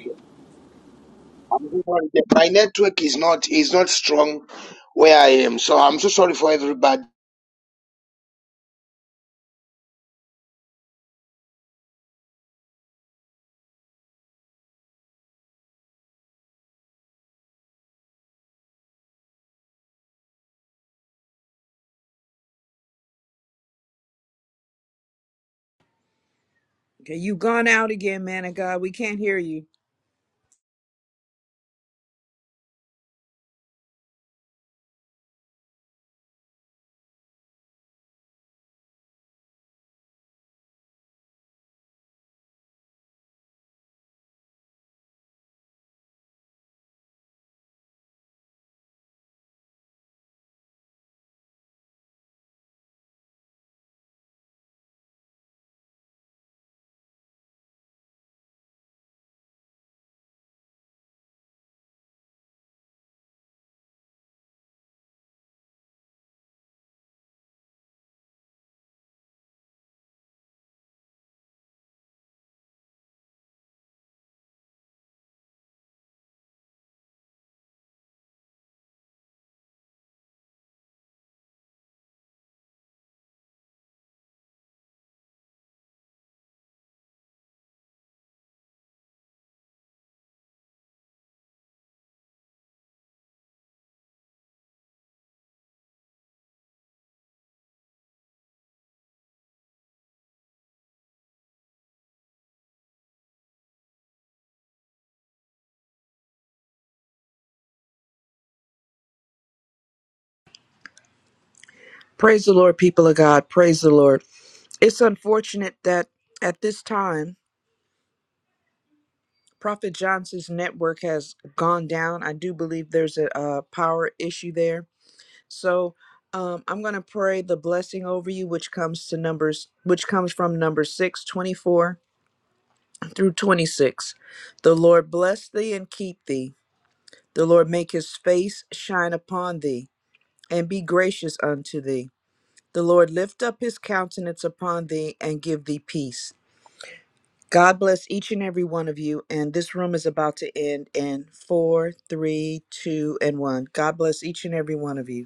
[SPEAKER 1] My network is not is not strong where I am, so I'm so sorry for everybody.
[SPEAKER 3] Okay, you gone out again, man of God. We can't hear you. Praise the Lord, people of God. Praise the Lord. It's unfortunate that at this time, Prophet Johnson's network has gone down. I do believe there's a, uh power issue there. So um, I'm going to pray the blessing over you, which comes to numbers, which comes from number 624 through 26. The Lord bless thee and keep thee. The Lord make his face shine upon thee and be gracious unto thee. The Lord lift up his countenance upon thee and give thee peace. God bless each and every one of you. And this room is about to end in four, three, two, and one. God bless each and every one of you.